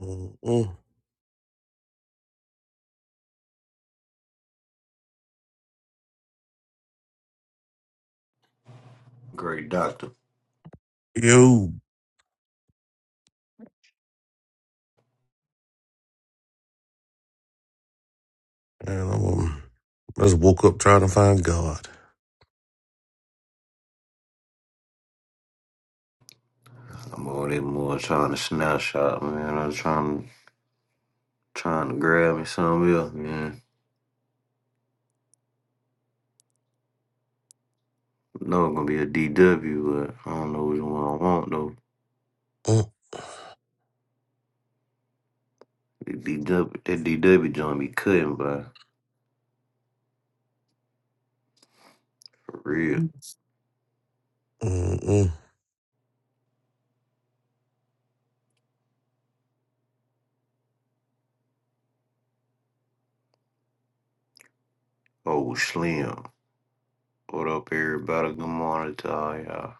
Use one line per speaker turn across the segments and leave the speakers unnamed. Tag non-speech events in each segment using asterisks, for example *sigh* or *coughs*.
Mm-mm.
Great doctor.
You and I'm um, just woke up trying to find God.
I'm on that more trying to snapshot, man. I'm trying trying to grab me something else, man. I know it's gonna be a DW, but I don't know which one I want though.
Mm,
The DW that DW joint be cutting by for real.
Mm-mm.
Oh slim. What up everybody? Good morning to all y'all.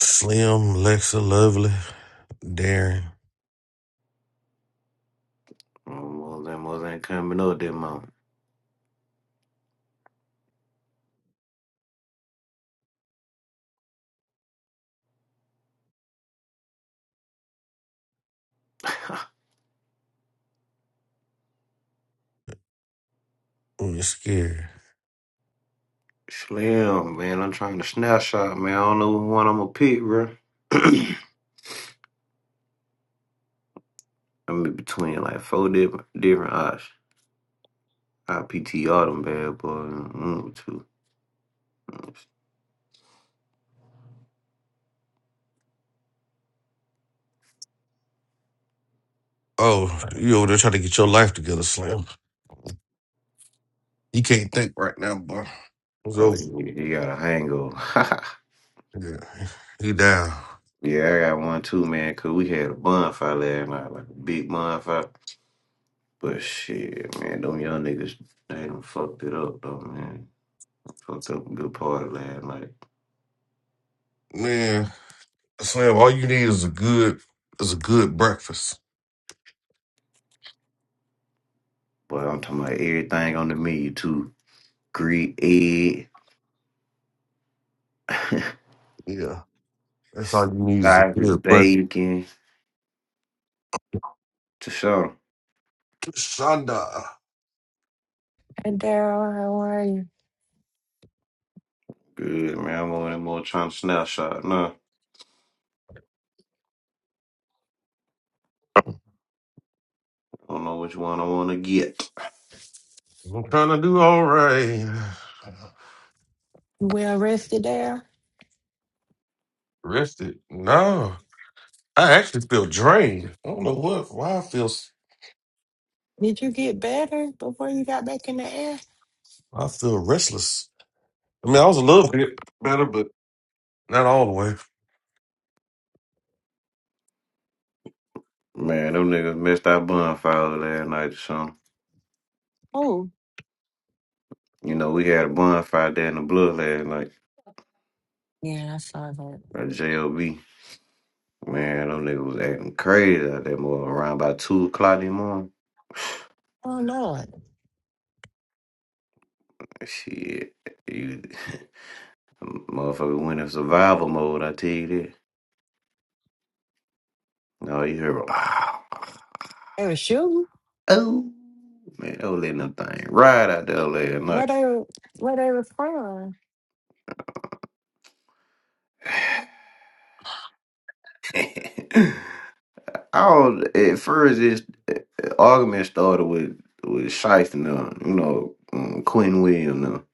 Slim, Lexa, lovely, Darren.
Well, them was ain't coming up that month. *laughs*
Mm, You're scared.
Slim, man, I'm trying to snapshot, man. I don't know which one I'm gonna pick, bro. *clears throat* I'm in between like four different different options. I PTR them bad boy. Mm, two.
Oh, you over there trying to get your life together, Slim. You can't think right now, boy. It's
Oh,
over.
you you got a hangover. *laughs*
Yeah, he down.
yeah, I got one too, man, because we had a bonfire last night, like a big bonfire. But shit, man, them young niggas, they done fucked it up, though, man. Fucked up a good party last night.
Man, Slim, all you need is a good is a good breakfast.
Boy, I'm talking about everything on the menu, too. Greek egg,
Yeah, that's all you need is a
sausage,
good breakfast.
bacon, to show.
Shonda,
And Daryl, how are you?
Good, man. I'm on that more trying to snapshot. Nah, I don't know which one I want to get.
I'm trying to do all right.
You well rested, Daryl?
Rested? No, I actually feel drained. I don't know what. Why I feel. s-
Did you get better before you got back in the air?
I feel restless. I mean, I was a little bit better, but not all the way.
Man, them niggas missed our bonfire last night or something.
Oh,
You know, we had a bonfire there in the blood last night
yeah, I saw that.
at JLB. Man, them niggas was acting crazy out there more around by 2 o'clock in the morning.
Oh Lord,
Shit. You, *laughs* motherfucker went in survival mode, I tell you that. No, you hear, *laughs*
they were shooting.
Oh man, that was letting them thing right out there last
Where they where they were from?
night. *laughs* I was, at first this the argument started with with Shife and them, you know, um, Quinn Williams them.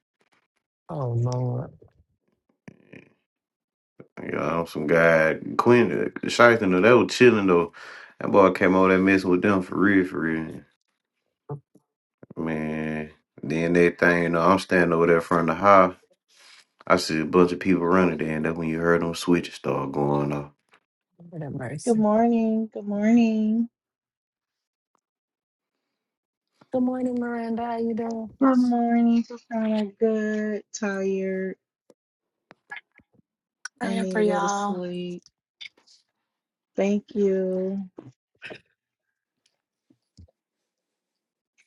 Oh Lord,
You know, some guy Quinn Shife and them, they were chilling though. That boy came over there messing with them for real, for real. Man. Then that thing, you know, I'm standing over there in front of the house. I see a bunch of people running there, and that's when you heard them switches start going off.
what a
Good
mercy.
morning. Good morning.
Good morning, Miranda. How you doing?
Good morning. Just kind of good, tired. I
Praying
need
for
to go to
y'all.
sleep. Thank you.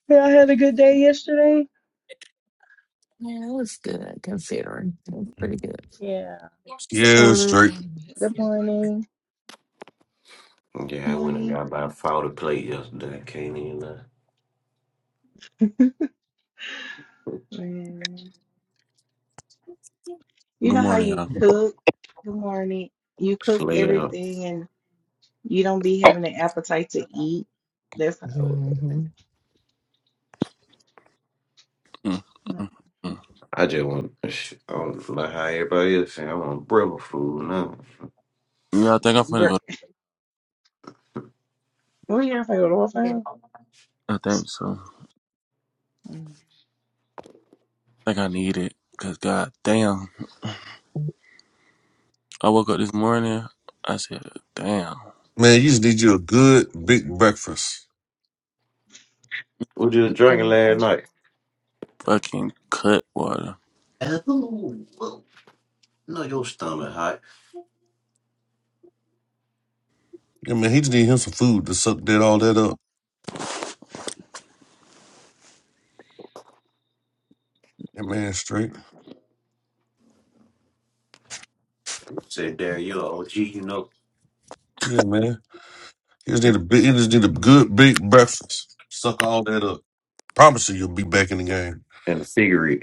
Yeah, I had a good day yesterday.
Yeah, it was good considering. It was pretty good.
Yeah.
Yeah,
Morning.
straight.
Good morning. Good
Yeah, I went and
morning.
got about 40 plate yesterday. Can't even lie.
Mm. You
Good
know how
morning,
you
y'all.
cook? Good morning. You cook
Slim.
everything and you don't be having an appetite to eat. That's how it was.
Mm-hmm.
Mm, mm, mm.
I just want. sh- I don't know how everybody else saying. I want brother food now.
Yeah, I think I'm finna
Bur-
go.
Where are you going to go to Old Town?
I think so.
Mm,
I think I need it. Cause god damn, I woke up this morning. I said, damn,
Man, you just need you a good big breakfast.
What you was drinking
mm,
last
mm.
night?
fucking cut water.
Oh, well, no, your stomach hot.
Yeah, man, he just need him some food to suck that all that up. Yeah, man, straight.
Said there, you are OG, you know.
Yeah, man. He just need a big. He just need a good big breakfast. Suck all that up. Promise you, you'll be back in the game.
And a cigarette.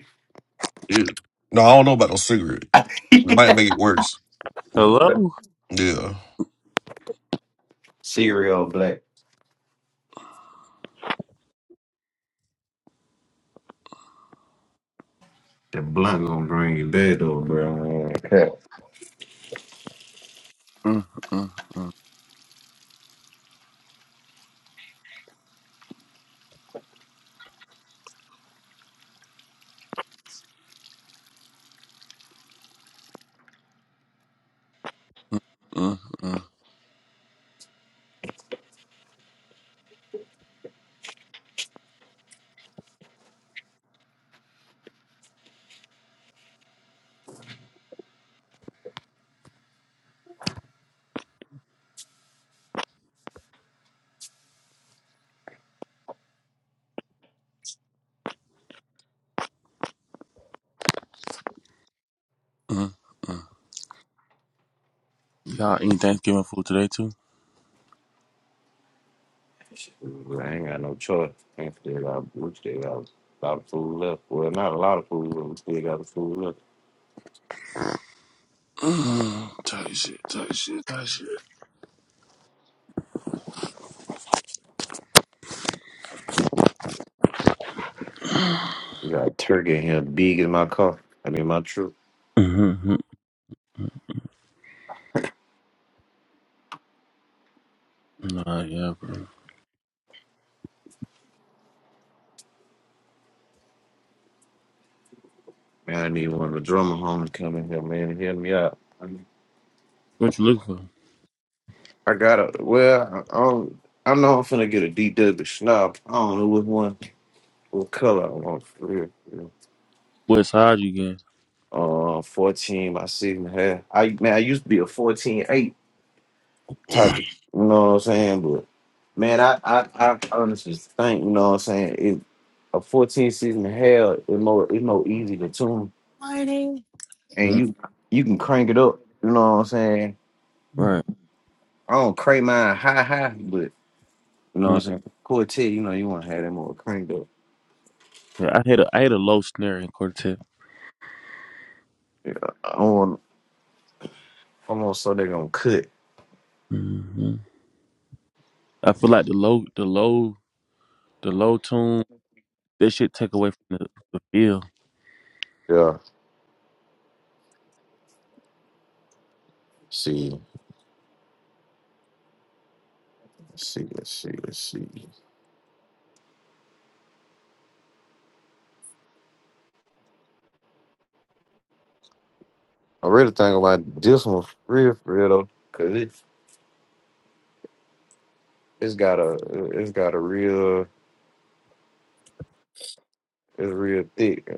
Yeah. No, I don't know about no cigarette. It might
*laughs*
make it worse. But,
Hello.
yeah.
cigarette all black. That blunt gonna bring you dead though, bro. *laughs*
Mm, mm, mm, mm, mm, mm, mm, mm. Y'all eating Thanksgiving food today too?
I ain't got no choice. I ain't still got, we still got a lot of food left. Well, not a lot of food, but we still got the food left.
Mm, tight shit, tight shit, tight shit.
We got turkey in here, big in my car. I mean, my truck.
Mm-hmm, mm-hmm. nah, yeah, bro.
Man, I need one of the drummer homies coming here, man, and hit me up.
What you looking for?
I got a well, I I don't, I know I'm finna get a DW snob. I don't know which one, what color I want for real. for real.
What side you get?
Uh, 14 by six and a half. I man, I used to be a 14 8 type. Of,
*clears throat*
you know what I'm saying? But man, I I, I honestly think you know what I'm saying. It, a 14 six and a half is more it's more easy to tune,
Morning.
and
Mm,
you you can crank it up. You know what I'm saying?
right.
I don't crank mine high high, but. You know what
Mm.
I'm saying? Quartet, you know, you want to have them all cranked up.
Yeah, I hit a I hit a low snare in quartet.
I want almost so they're going to cut.
Mhm. I feel like the low, the low, the low tune. That shit take away from the, the feel.
Yeah. See, let's see, let's see, let's see. I really think about this one for real, for real though, cause it's it's got a it's got a real it's real thick.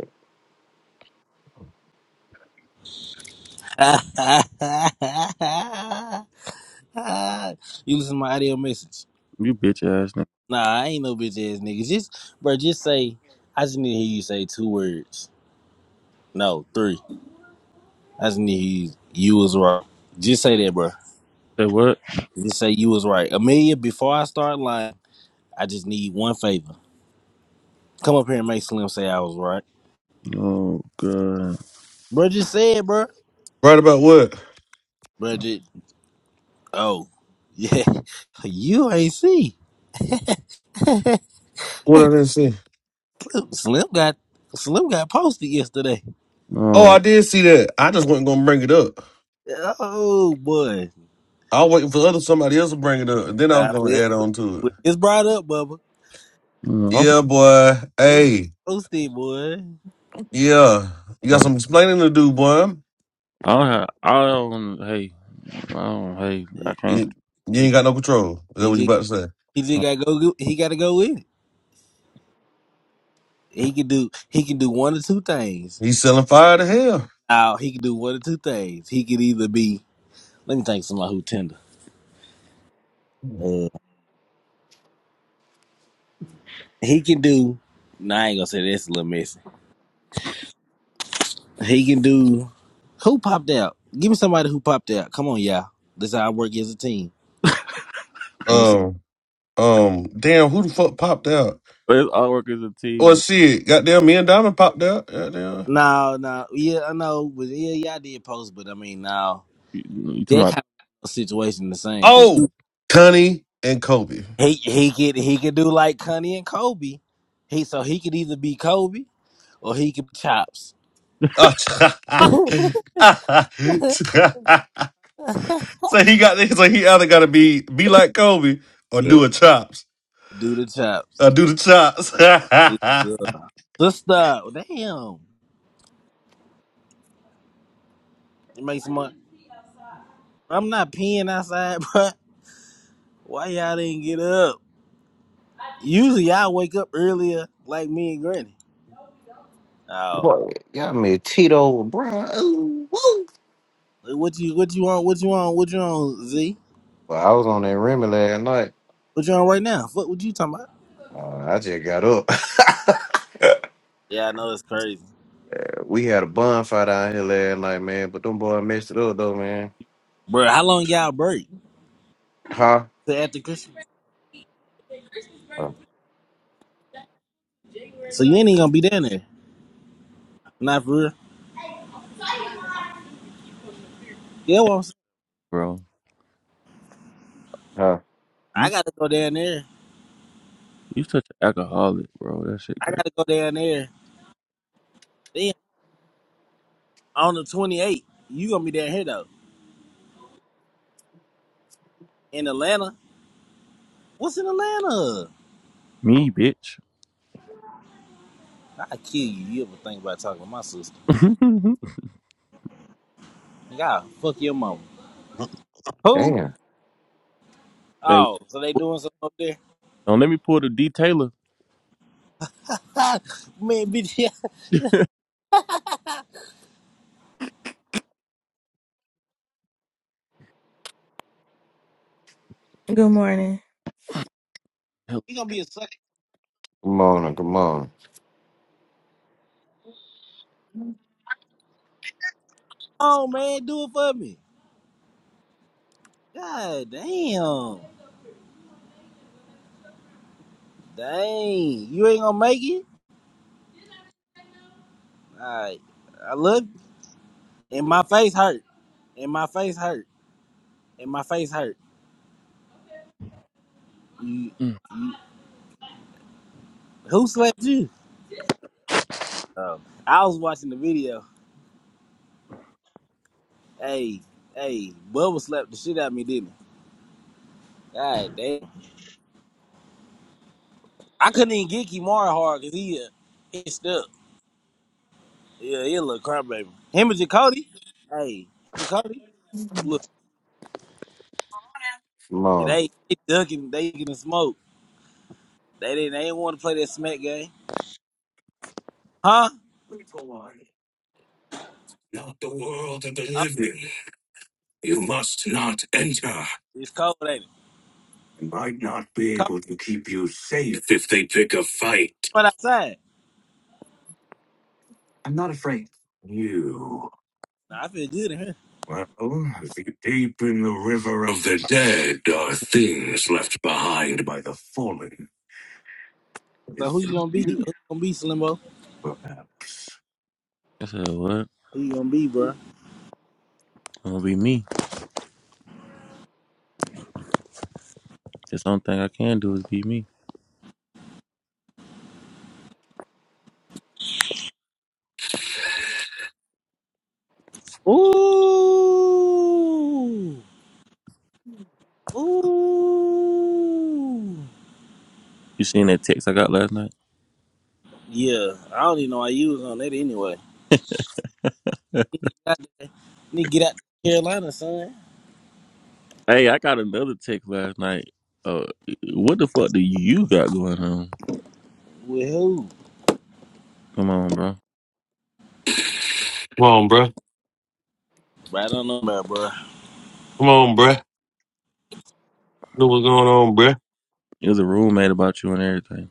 *laughs* you listen to my audio message.
You bitch ass nigga.
Nah, I ain't no bitch ass nigga. Just, bro, just say, I just need to hear you say two words. No, three. I just need to hear you, you was right. Just say that, bro.
Say what?
Just say you was right. Amelia, before I start lying, I just need one favor. Come up here and make Slim say I was right.
Oh god.
Bro, just say it, bro.
Right about what?
Bro, just, oh, yeah. *laughs* You ain't see.
What I didn't see?
Slim got, Slim got posted yesterday.
Oh,
No.
I did see that. I just wasn't gonna bring it up.
Oh, boy.
I was waiting for other somebody else to bring it up, and then I was
Nah,
gonna
we,
add on to it.
we, it's brought up, Bubba.
No. I'm from-
Yeah, boy.
Wim
Hey,
posted, boy.
yeah. You got some explaining to do, boy.
I don't have. I don't. Hey. I don't. Hey. I
It's,
can't.
You, you
he
ain't got no control. Is that
he
what you
just
about to say?
he just got to go. go- He got to go with it. He can do he can do one or two things.
He's selling fire to hell.
Now he can do one or two things. He could either be let me think of somebody who tender. Uh, he can do. Nah, I ain't gonna say that's a little messy. He can do. Who popped out? Give me somebody who popped out. Come on, y'all. This how I work as a team. Give me some.
Um, um. Damn, who the fuck popped out?
But it's all work as a
Oh
team.
shit, goddamn, me and Diamond popped out. Goddamn.
No, no, yeah, I know, but yeah, y'all did post, but I mean, no.
You, you talking
that
about,
kind of situation the same because
Oh, Connie and Kobe.
he he could he could do like Cunny and Kobe. He so he could either be Kobe or he could chops. *laughs*
Oh, *laughs* so
Be
he got this. So he either got to be be like Kobe or
Uh,
do
like
a chops
do the chops.
or do the
It's,
chops.
uh,
*laughs*
sister, damn, it makes my I'm not peeing outside, *laughs* but why y'all didn't get up? Usually I wake up earlier, like me and Granny. Oh,
Boy, y'all made Tito, bro. Ooh, woo.
what you what you on? What you on? What you on? Z?
Well, I was on that Remy last night.
What you on right now? What what you talking about?
Uh, I just got up.
Yeah, I know it's crazy.
*laughs* we had a bonfire down here last night, man. But them boys messed it up though, man.
Bro, how long y'all break
Huh?
to after Christmas?
Uh,
So you ain't even gonna be down there. Not for real. Yeah, well, I'm saying,
bro?
huh.
I
You
gotta go down there.
you such an alcoholic, bro. That shit
I
great.
gotta go down there. Then on the 28th, you gonna be down here though. In Atlanta. What's in Atlanta?
Me, bitch.
I kill you. You ever think about talking to my sister? God, fuck your mama. Who?
Damn.
*laughs* hey,
Oh, so they doing something up there?
don't let me pull the D Taylor.
*laughs* God, man, bitch. *laughs*
Good morning.
Hell,
He gonna be a sucker.
Come on! Come on!
Oh man, do it for me. God damn. Dang. You ain't gonna make it? Alright. I look and my face hurt. and my face hurt, and my face hurt. You,
mm.
you, who slapped you? Oh, I was watching the video. Hey, hey, Bubba slapped the shit out of me, didn't he? God damn, I couldn't even get Kimara hard because he uh, hitched up. Yeah, he a little crybaby. Him and Jacoby. Hey, Jacoby, look,
Come
they they ducking, they getting the smoke. They didn't, they didn't want to play that smack game, huh? Oh, it's cold, ain't it? Cold but outside. Nah, I feel good in here. So who you gonna be? Who you gonna be, Slimbo?
I said what?
Who you gonna be, bro?
Gonna be me. That's the only thing I can do is be me.
Ooh. Ooh.
You seen that text I got last night?
Yeah, I don't even know why you was on that anyway. Need to get out to Carolina, son.
Hey, I got another text last night. Uh, what the fuck do you got going on?
With who?
Come on, bro.
Come on, bruh.
Bro, I don't know about, bro.
Come on, bruh. Know what's going on, bruh?
It was a roommate about you and everything.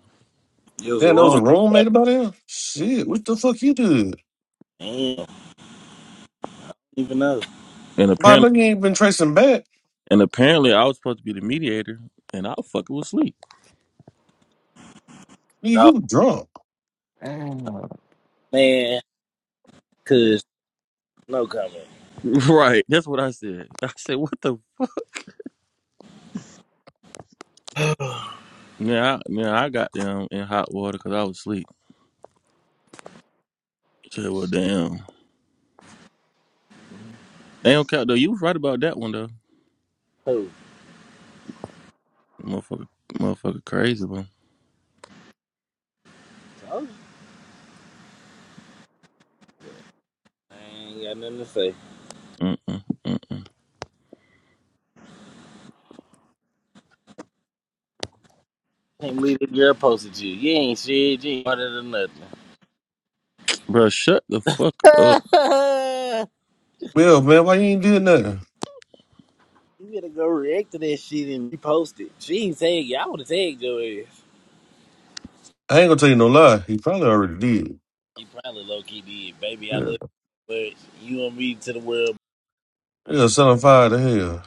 It was a
Damn, there was
rumor.
a roommate about him? Shit, what the fuck you did?
Damn, don't even know.
And
Why I know
apparently,
you ain't been tracing back.
and apparently, I was supposed to be the mediator, and I was fucking was sleep.
Nigga,
Oh,
you drunk.
on! Damn.
man. Cause, no comment.
*laughs* Right. That's what I said. *laughs* I said, what the fuck? Yeah, I, yeah, I got them in hot water because I was asleep. I said, well, damn. Damn, cat though, you was right about that one though.
Who?
Motherfucker, motherfucker, crazy, bro.
Told you. I ain't got nothing to say.
Mm-mm-mm.
Can't believe that girl posted you. You ain't shit. You ain't harder than nothing.
Bro, shut the fuck up.
*laughs*
Well, man, why you ain't did nothing?
You better go react to that shit and repost it. She ain't tag you. I would have tagged your ass.
I ain't gonna tell you no lie. He probably already did.
You probably low key did. Baby, I
Yeah.
love you, but you and me to the world.
Yeah, set him fire to hell.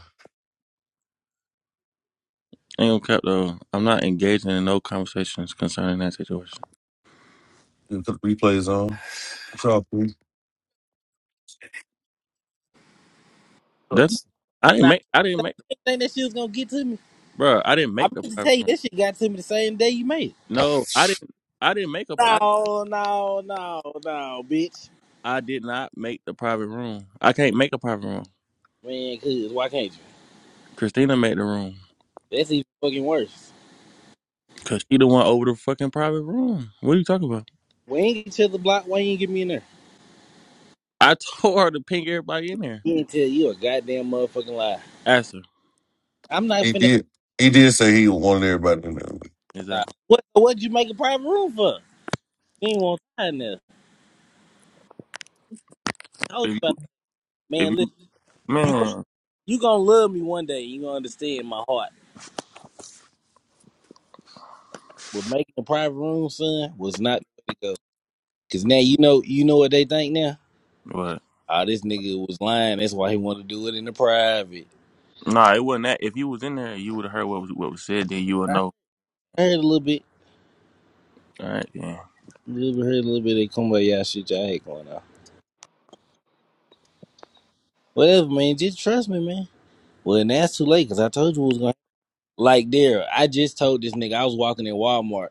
Ain't no cap though. I'm not engaging in no conversations concerning that situation.
You put the replays on. It's all good.
That I didn't
Nah,
make. I didn't
I
make,
didn't think that shit was gonna get to me.
bro. I didn't
I
make the
meant to tell
private
you,
room.
that shit got to me the same day you made it.
No, I didn't. I didn't make a. pri- I,
No, no, no, no, bitch.
I did not make the private room. I can't make a private room.
Man, cuz, why can't you?
Christina made the room
That's even fucking worse.
because she the one over the fucking private room. What are you talking about?
We ain't get each other blocked. Why you ain't get me in there?
I *laughs* told her to ping everybody in there.
He did tell you a goddamn motherfucking lie.
Ask her
I'm not
He
finna.
did. He did say he wanted everybody to know.
Nah.
exactly.
What, what'd you make a private room for? You ain't want to in there. I told
If
you about
you,
it.
if
Man, listen.
you
You gon-
man,
you gonna love me one day. You gonna understand my heart. But making a private room, son, was not the way to go. Cause now you know you know what they think now.
what?
Oh, this nigga was lying. That's why he wanted to do it in the private.
Nah, it wasn't that. If you was in there, you would have heard what was what was said. Then you would
I
know.
heard a little bit,
All right, yeah.
a little bit, heard a little bit. They come by y'all shit y'all had going on. Whatever, man. Just trust me, man. Well, now it's too late because I told you what was going. to Like there, I just told this nigga I was walking in Walmart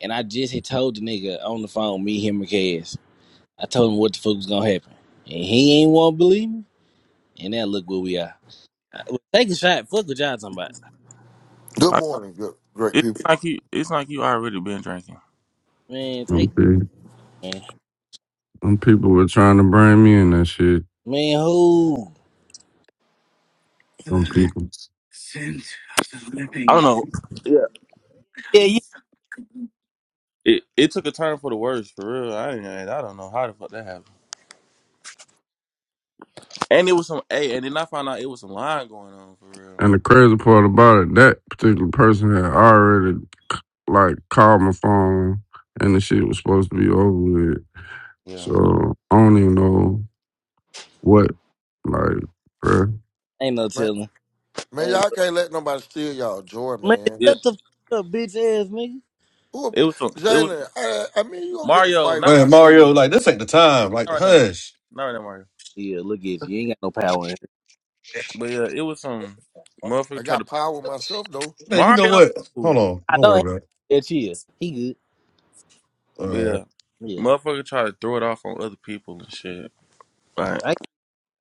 and I just had told the nigga on the phone me him and Cass. I told him what the fuck was gonna happen, and he ain't want to believe me. And now look where we are. Uh, Take a shot. Fuck what y'all talking about.
Good morning, good great
It's
people.
like you. It's like you already been drinking.
Man, take
Them pe-
it, man.
them people were trying to bring me in that shit.
Man, who?
Them
Yeah.
people.
I don't know. Yeah.
Yeah, you
It it took a turn for the worse for real. I didn't. I don't know how the fuck that happened. And it was some. Hey, and then I found out it was some lying going on for real.
And the crazy part about it, that particular person had already like called my phone, and the shit was supposed to be over with.
Yeah.
So I don't even know what, like, bruh.
ain't no
Man,
telling.
man,
Ain't
y'all
no...
can't let nobody steal y'all joy,
Man,
man.
Yeah.
shut the fuck up, bitch ass nigga.
Who,
It was some. It was
Jalen? I, I mean, you gonna get the
Mario.
fight
Not.
when I
Man,
see you.
Mario, like this ain't the time. Like,
Not right now. Mario.
hush,
Not right now, Mario.
Yeah, look at you. You ain't got no power in here.
But yeah, it was some
I
motherfucker tried
got
to
power myself though.
man. You know
Mario.
what? Hold on.
I
Don't
don't have
worry about it.
that chill. He good.
All
But
right.
yeah,
Yeah.
motherfucker tried to throw it off on other people and shit. Like,
I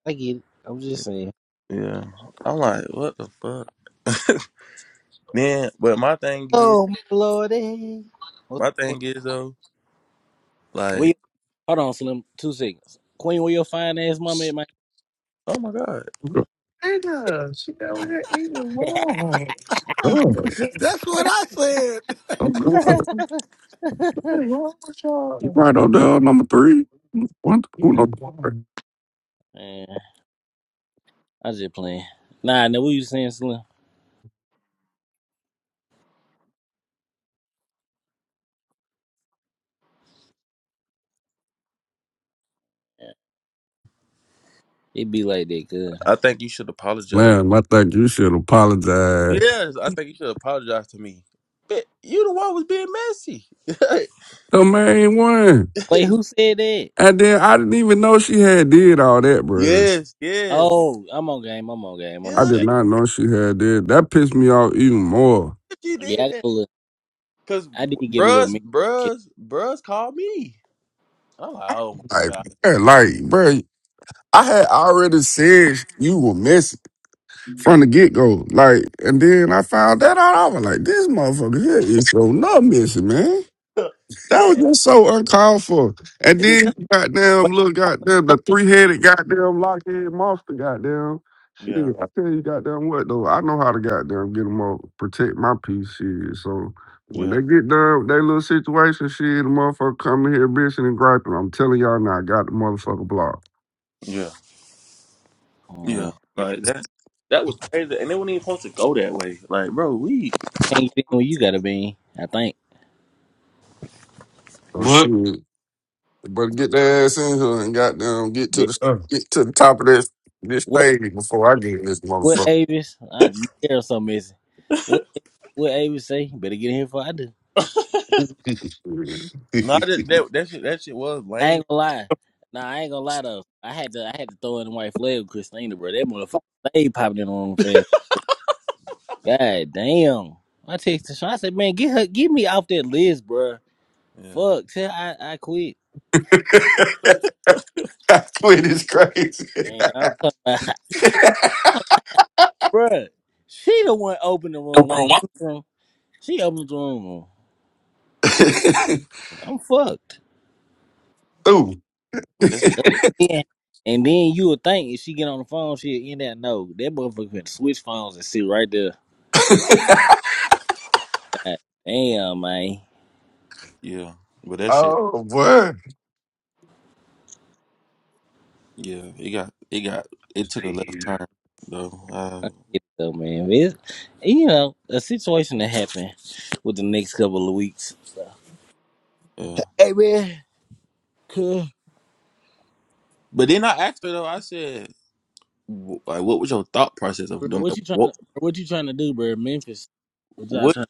I get it. I'm just saying.
yeah. I'm like, what the fuck? Then, but my thing is,
Oh my lordy. What's
my
up?
thing is though.
where
Like,
you... hold on, Slim. Two seconds. Queen, where your fine ass mama at my
oh my god,
God,
Nigga, she got with that eating wrong.
*laughs*
oh
That's what I said.
I
God,
said, What is wrong with
you
y'all?
right on there, number three. What? Who
You
no?
dumb.
man, I just playing. Nah, now what you saying, Slim? It be like that, good.
I think you should apologize.
Man, I think you should apologize.
Yes, I think you should apologize to me. But you the one was being messy.
The main one,
Wait,
*laughs*
who said that?
and then I didn't even know she had did all that, bruh.
yes, yes,
Oh, I'm on game. I'm on game. I'm
I
on
yeah.
game.
did
She did-
not know she had that. That pissed me off even more.
she
Yeah, I
did
got
that
a little.
because
I did get a little
bruhs
mean. kick.
bruhs bruhs called me. I'm like, oh my
Like, man, like, bro, I had already said you were missing
Mm.
from the get go. Like, and then I found that out. I was like, this motherfucker here is so not missing, man.
god, *laughs*
That
yeah,
was just so uncalled for. And
and then
then
that's-
goddamn
What?
little goddamn the three headed goddamn lockhead monster goddamn shit.
yeah,
I tell you goddamn what though, I know how to goddamn get them up, protect my piece shit. So when
yeah,
they get done with their little situation, shit, the motherfucker coming here bitching and griping. I'm telling y'all now, I got the motherfucker blocked.
yeah,
Uh,
yeah. Like that. That was crazy, and it was not even supposed to go that way. Like, bro, we
can't get in when you got a bean. I think.
So
What?
shit, better get their ass in here and goddamn get to
Bill.
the
Uh.
get to the top of this this
What?
stage before I get in this
What
motherfucker.
Avis? I hear something missing. What? What Avis say? Better get in here before I do.
not that
*laughs*
that that shit, that shit was
I
lame.
ain't gonna lie. Nah, I ain't gonna lie though. I had to. I had to throw in the white flag with Christina, bro. That motherfucker stayed popping in on him fast. God damn. I texted Sean. I said, man, get her, get me off that list, bro.
Yeah,
Fuck. Tell her I, I quit.
*laughs* Quit is crazy. *laughs*
Man, I'm talking about. *laughs* Bruh, she the one opened the room.
Number one.
I'm from, she opened the room.
*laughs*
I'm fucked.
Ooh.
yeah.
Yeah. And then you would think if she get on the phone, she'll end that. No, that motherfucker finna switch phones and sit right there. God damn, man.
Yeah, but that shit,
Oh, boy.
yeah, it got it got it took a left turn though. Uh,
It though, man. It's, you know, a situation that happened with the next couple of weeks. So.
yeah,
Hey, man. Cool.
but then I asked her though. I said, wh- like, what was your thought process
Bro,
of doing?
what
Like,
you trying to,
what,
what you trying to do, bro? Memphis. What y'all
what,
trying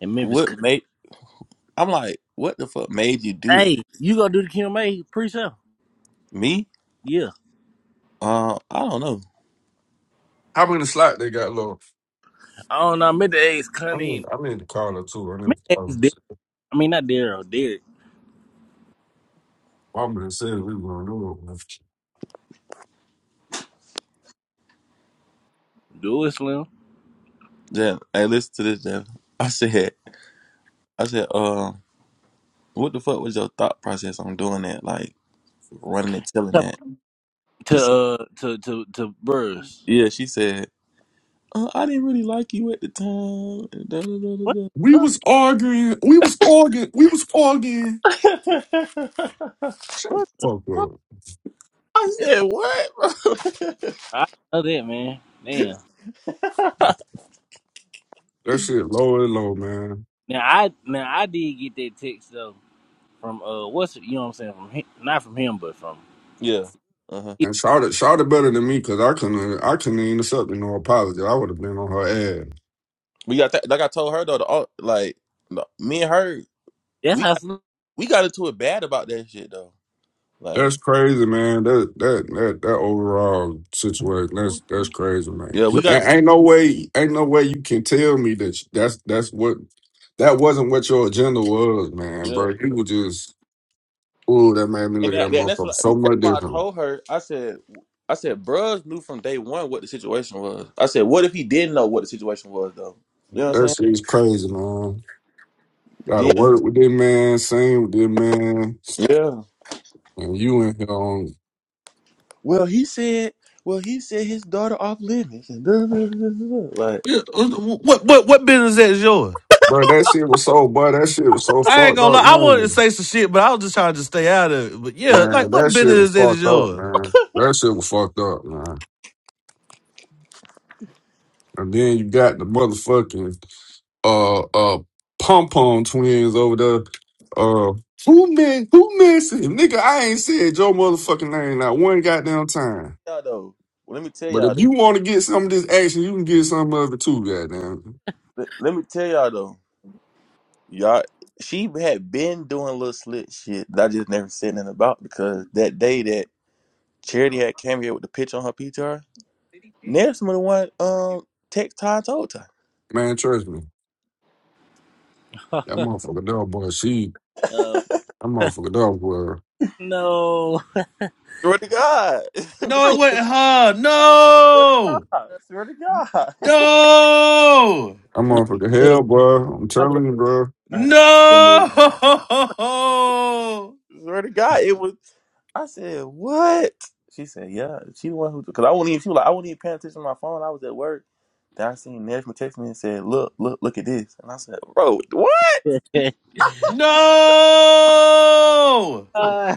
in Memphis?
what made? I'm like, what the fuck made you do that?
Hey, you gonna do the QMA pre-show?
Me?
Yeah.
Uh, I don't know.
How many slots they got Lord?
I don't know. I meant the ask
I
Cunny.
mean, I'm in the car or two. I
I
mean,
meant the ask
um,
Derek. I mean, not Daryl. Derek.
Mama done said we were going to do it.
Do it, Slim.
Then hey, listen to this. Jeff. I said, I said, uh, what the fuck was your thought process on doing that? Like running and telling
To
that. She
to
said,
uh, to to to Bruce.
yeah. She said, uh, I didn't really like you at the time.
What
*laughs*
We
the fuck?
was arguing. We was arguing. We was arguing.
*laughs*
Shut the
What the
fuck
fuck?
up.
I said, what? Bro? *laughs*
I know that man. Damn.
That shit low and low, man.
Now I now I did get that text though from uh what's it- you know what I'm saying from him, not from him but from
yeah. Uh-huh.
yeah,
And shout it, shout it better than me because I couldn't, I couldn't even accept no apology. I would have been on her ass.
We got that like I told her though, the, au- like no, me and her,
that's
we
how Slim.
we got into it bad about that shit though. Like,
That's crazy, man. That that that that overall situation. That's that's crazy, man.
yeah, we got
And
into
ain't no way, ain't no way you can tell me that that's that's what that wasn't what your agenda was, man,
Yeah.
bro. You was just ooh, that made me
And,
look at
that,
that
and that's,
motherfucker
what I,
so
that's
much
why I
different.
told her, I said I said, bruh knew from day one what the situation was. I said, what if he didn't know what the situation was though? You know what I'm
That
saying?
shit's crazy, man. Gotta
Then
work with this man, sing with this man,
yeah.
and you in here on,
Well he said well he said his daughter off limits and *laughs* like
Yeah, uh, what what what business is yours?
bro. That shit was so, bro. That shit was so
I ain't
fucked
gonna
up,
lie. I wanted to
man.
say some shit, but I was just trying to stay out of it. But yeah, like
Man,
what
that shit was
business is that is
fucked up,
yours?
man. That shit was fucked up, man. And then you got the motherfucking uh uh pom pom twins over there. Uh who man who missing? Nigga, I ain't said your motherfucking name not one goddamn time.
y'all though. Well, Let me tell
But
y'all.
if you wanna get some of this action, you can get some of it too, goddamn.
Let, let me tell y'all though. Y'all, she had been doing little slit shit that I just never said nothing about because that day that Charity had came here with the pitch on her PTR, Nelson was the one um text Ty and told her.
Man, trust me.
*laughs*
That motherfucker dog boy, she
Uh,
*laughs*
that motherfucker dog boy.
no. *laughs*
Swear to God. *laughs* swear
No,
I
it wasn't her.
to
No,
God. Swear to God. *laughs*
no,
That motherfucker
love
hell, boy. I'm
I love
telling you, bro.
her. I love
no, *laughs*
Swear to God, it was. I said, "What?" She said, "Yeah." She the one who, because I wouldn't even. She was like, "I wasn't even paying attention to my phone. I was at work." Then I seen Nesma text me and said, "Look, look, look at this." And I said, "Bro, what?"
this.
no,
*laughs* Uh,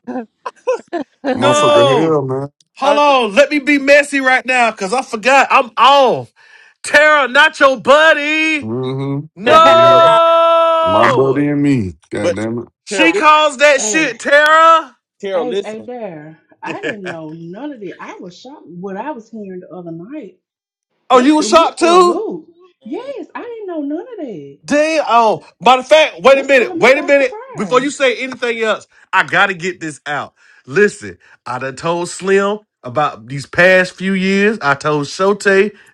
That
*laughs* yeah,
I,
motherfucker
no.
hell, man.
Hold
I said,
on, let me be messy right now because I forgot I'm off. Tara, not your buddy.
Mm-hmm.
"But Tara,
Mm-hmm. My buddy
No,
and me. goddamn
but
it.
Tara,
she
listen,
calls that shit
Hey,
Tara.
Tara,
hey, hey
listen,
there. I didn't
*laughs*
know none of that. I was shocked what I was hearing the other night.
oh, you
That
was
threw me
shocked
for a
too?
loop. Yes, I didn't know none of that.
Damn. Oh, matter of fact, wait a
That caught
minute.
me
Wait a
by
minute. Before you
surprise.
say anything else, I gotta get this out. Listen, I done told Slim about these past few years. I told Shote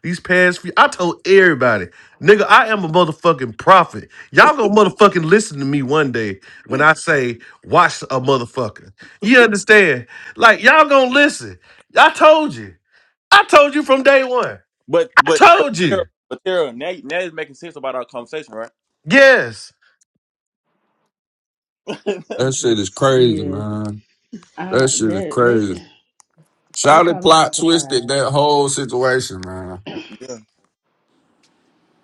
these past few. I told everybody, nigga, I am a motherfucking prophet. Y'all gonna motherfucking listen to me one day when I say watch a motherfucker. You understand? Like y'all gonna listen. I told you. I told you from day one.
but
I
but but
told
Tara,
you.
but Tara, now now it's making sense about our conversation, right?"
Yes.
*laughs*
That
I'm
shit is
Just
crazy,
yeah.
man. That
Uh
shit is
that they
crazy.
that
Shouty
caught me by
plot twisted
surprise.
that whole situation, man.
yeah.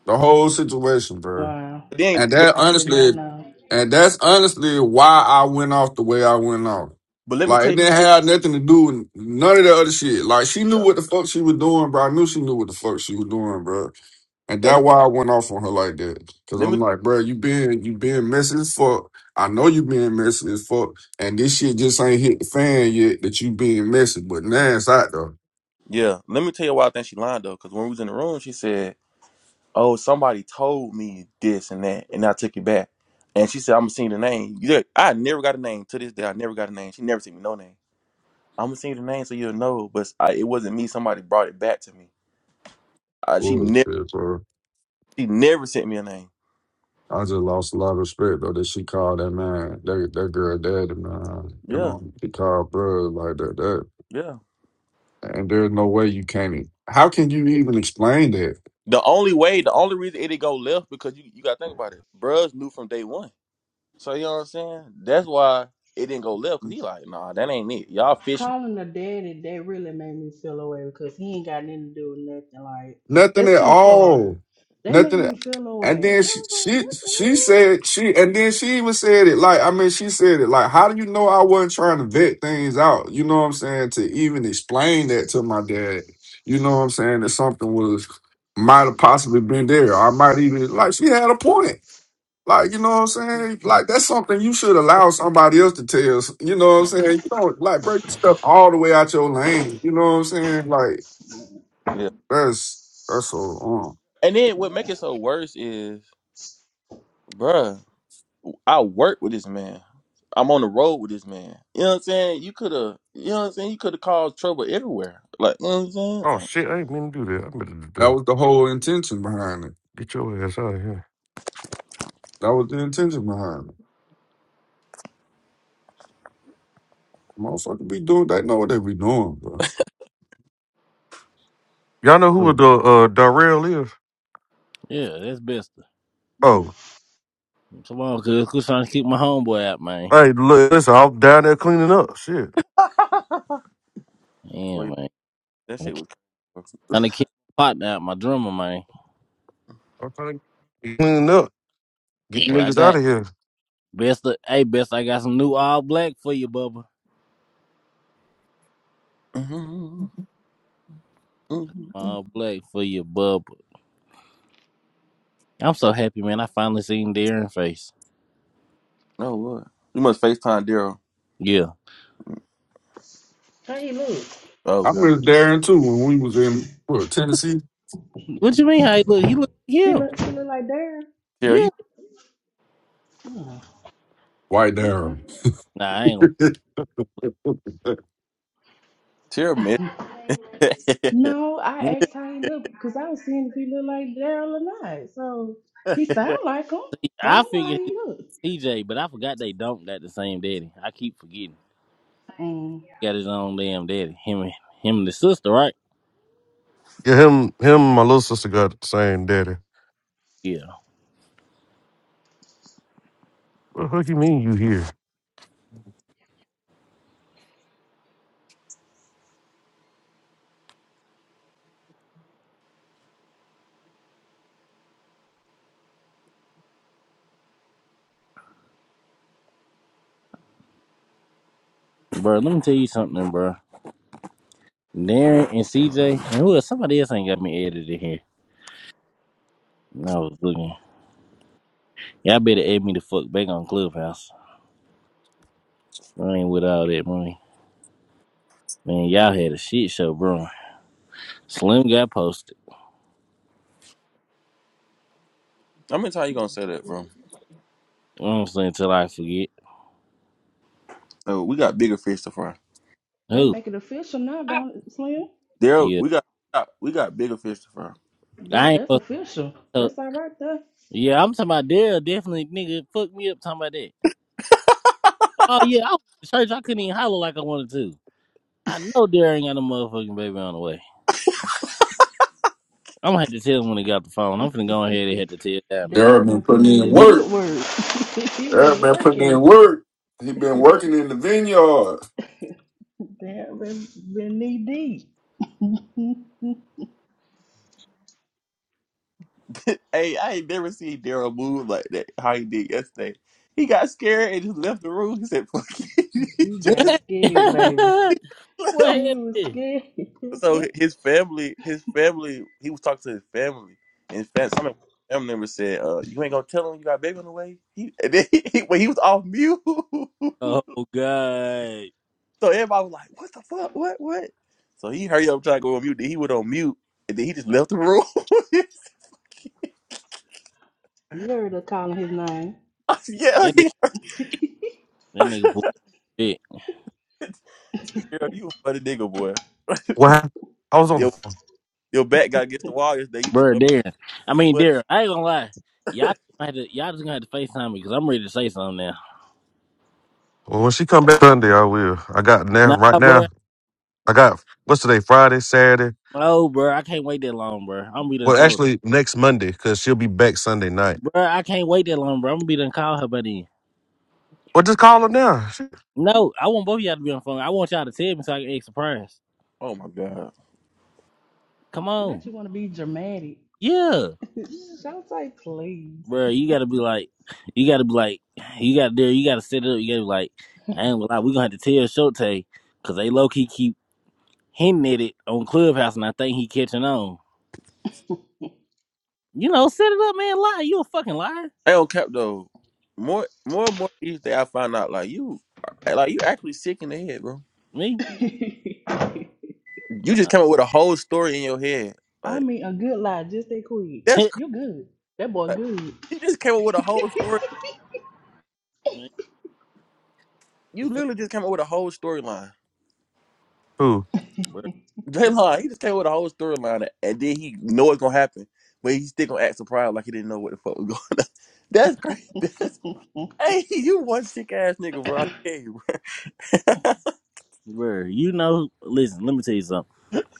The whole situation, bro.
Wow.
But then,
And
but,
that
I did
honestly,
not know.
and that's honestly why I went off the way I went off.
but let me
Like
tell
it
you,
didn't have nothing to do with none of the other shit. Like she knew
yeah,
what the fuck she was doing, bro. I knew she knew what the fuck she was doing, bro. And
and
that's why I went off on her like that. Cause
let, let
I'm
me
like, bro, you been you been messy as fuck. I know you been messy as fuck. And this shit just ain't hit the fan yet that you being messy. But now it's out though.
yeah, let me tell you why I think she lied though, because when we was in the room, she said. oh, somebody told me this and that, and I took it back. And she said, I'm gonna sing the name. Yeah, I never got a name to this day. I never got a name. She never sent me no name. I'm gonna sing the name so you'll know, but I, it wasn't me. Somebody brought it back to me. Uh, she
Ooh,
never,
shit, bro.
she never sent me a name.
I just lost a lot of respect though that she called that man that that girl daddy man. You
Yeah,
know, he called bro like that. That
yeah.
and there's no way you can't. e- How can you even explain that?
The only way, the only reason it did go left because you, you gotta think about it. Bruh knew from day one, so you know what I'm saying. That's why it didn't go left because he like, nah, that ain't it. Y'all fishing.
Calling the daddy, that really made me feel away because he ain't got nothing to do with nothing. Like,
Nothing
that's
at
too far.
all.
That made
Nothing.
me feel
And
away.
then
I
she,
was like,
she she
what
said she and then she even said it like I mean she said it like how do you know I wasn't trying to vet things out you know what I'm saying to even explain that to my dad you know what I'm saying that something was might have possibly been there I might even like she had a point like you know what I'm saying like that's something you should allow somebody else to tell us, you know what I'm saying you don't like break stuff all the way out your lane you know what I'm saying like
Yeah.
that's that's so uh,
And then what
the
make it
hell?
so worse is, bruh. I work with this man. I'm on the road with this man. You know what I'm saying? You could have, you know what I'm saying? You could have caused trouble everywhere. Like, you know what I'm saying?
Oh
Like,
shit! I ain't mean to do that. I meant to do
That
that.
was the whole intention behind it.
Get your ass out of here.
That was the intention behind it. Motherfucker be doing they know what they be doing, bro.
Y'all know who
Oh.
the uh, Darrell is?
that's best.
Yeah.
Oh,
Yeah.
Come on, cuz. Who's trying to keep my homeboy out, man?
hey, look, listen, I'm down there cleaning up. Shit,
*laughs* well,
Yeah,
yeah,
man.
that
Trying to
shit
keep,
was.
trying to keep my partner out, my drummer, man.
I'm trying to cleaning up, get
Well, I
niggas out
got
of here.
best. Of, hey, best. I got some new all black for you, Bubba.
mm mm
All black for you, Bubba. I'm so happy, man. I finally seen Darren face.
Oh, what? You must FaceTime Daryl.
Yeah.
How he look?
Oh,
I
God.
miss Darren too when we was in what, Tennessee.
What you mean? How he look? He look
He
yeah,
look, he look like Darren.
Daryl,
yeah.
you,
Oh.
White Darren.
Nah, I ain't.
*laughs*
like-
Daryl, man. *laughs*
No,
me.
I asked how he looked because I was seeing if he looked like Daryl or not. So he
How
sound like him,
See,
but I
I
don't know how
figured
he look.
he TJ, but I forgot they don't got the same daddy. I keep forgetting.
Um,
Got his own damn daddy. Him, and him and the sister, right?
Yeah, him, him, and my little sister got the same daddy.
Yeah,
What the fuck you mean you here?
bro. Let me tell you something, bro. Darren and CJ and who else? Somebody else ain't got me edited here. And I was looking. Y'all better add me the fuck back on Clubhouse. I ain't with all that money. Man, y'all had a shit show, bro. Slim got posted.
many times you gonna say that, bro?
Honestly, until I forget.
Oh, we got bigger fish to fry.
they
Who?
make it official now, don't it, Slim?
Daryl,
Yeah.
we got, we got we got bigger fish to fry.
That,
I ain't
that's
supposed
official.
to tell-
That's all right there.
Yeah, I'm talking about Daryl. Definitely, nigga, fucked me up talking about that. Oh, yeah, I was in church. I couldn't even holler like I wanted to. I know Daryl ain't got no motherfucking baby on the way. I'm gonna have to tell him when he got the phone. I'm finna go ahead and have
*laughs*
to tell Diamond.
Darren
Daryl
been
been
putting
putting in
in
his
Bitch,
work.
good work. *laughs* he
Darren
been
been putting in
working.
work. He been working in the vineyard.
Daryl been, been knee deep. *laughs*
*laughs* Hey, I ain't never seen Daryl move like that. How he did yesterday. He got scared and just left the room. He said, "Fuck it," *laughs* he
he got
just
scared, baby.
what?
*laughs*
*laughs*
left.
He
What?
was scared. *laughs*
So
you
his family, his family, he was talking to his family, and his fam- some of his family members said, "Uh, you ain't gonna tell him you got a baby on the way." He, *laughs* and then he, he- when he was off mute, *laughs* so
Oh god,
everybody was like, "What the fuck? What? What?" So he hurried up trying to go on mute. Then he went on mute, and then he just left the room. *laughs*
heard her calling his name.
I said, yeah,
that
*laughs*
nigga,
he,
*laughs*
that nigga pulled shit,
Daryl, you a funny nigga, boy.
What? hap- I was on the phone.
Your back got against the wall yesterday. You
bro.
just up and
There, I
and
mean,
foot.
there. I ain't gonna lie, y'all
*laughs*
gonna have to, y'all just gonna have to FaceTime me because I'm ready to say something now.
Well, when she come back Sunday, I will. I got now right
Nah,
now.
bro,
I got what's today? Friday, Saturday.
no, bro, I can't wait that long, bro. I'm gonna be done
Well,
told,
actually, next Monday because she'll be back Sunday night.
bro. I can't wait that long, bro. I'm gonna be done call her, buddy.
Well, just call her now. Shit.
No, I want both of y'all to be on the phone. I want y'all to tell me so I can act surprised.
Oh my god.
Come on,
Not you want to be dramatic.
yeah.
*laughs* Shout like, please.
bro, you gotta be like, you gotta be like, you gotta there, you gotta set it up. You gotta be like, I ain't gonna lie, we gonna have to tell Shote because they low key keep hinting at it on Clubhouse, and I think he catching on. You know, set it up, man. Lie, you a fucking liar.
I don't cap though. More, more and more each day, I find out like you, like you actually sick in the head, bro.
*laughs*
Me,
You just
nah,
came up with a whole story in your head.
I
Like
mean, a good lie, just that quick.
*laughs*
that's
You good. That boy
cra-
good.
you just came up with a whole story.
Man, the
You
fuck,
literally just came up with a whole storyline.
Who?
bro,
*laughs* Jaylon, he just came up with a whole storyline, and then he know it's gonna happen, but he still gonna act surprised like he didn't know what the fuck was going on. *laughs* That's crazy. That's, hey, you one sick ass nigga, bro. I
*laughs*
tell you, bro. *laughs*
bro. You know, listen, let me tell you something.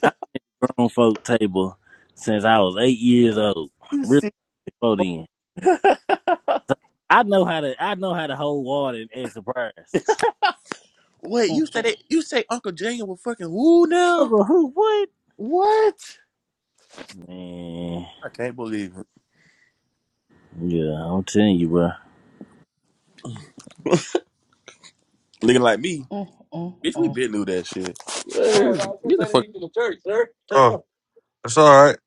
I've been at the grown folk table since I was eight years old.
You
Really
sick.
before then,
*laughs*
so I know how to, I know how to hold water and act surprised.
Wait, you said it? You say Uncle Junior was fucking who now?
Uncle, who? What?
What?
Man,
I can't believe it.
yeah, I'm telling you, bro.
*laughs* Looking like me, bitch. We been knew that shit.
Don't worry
Man,
about it.
Get the fuck.
Oh, that's all right.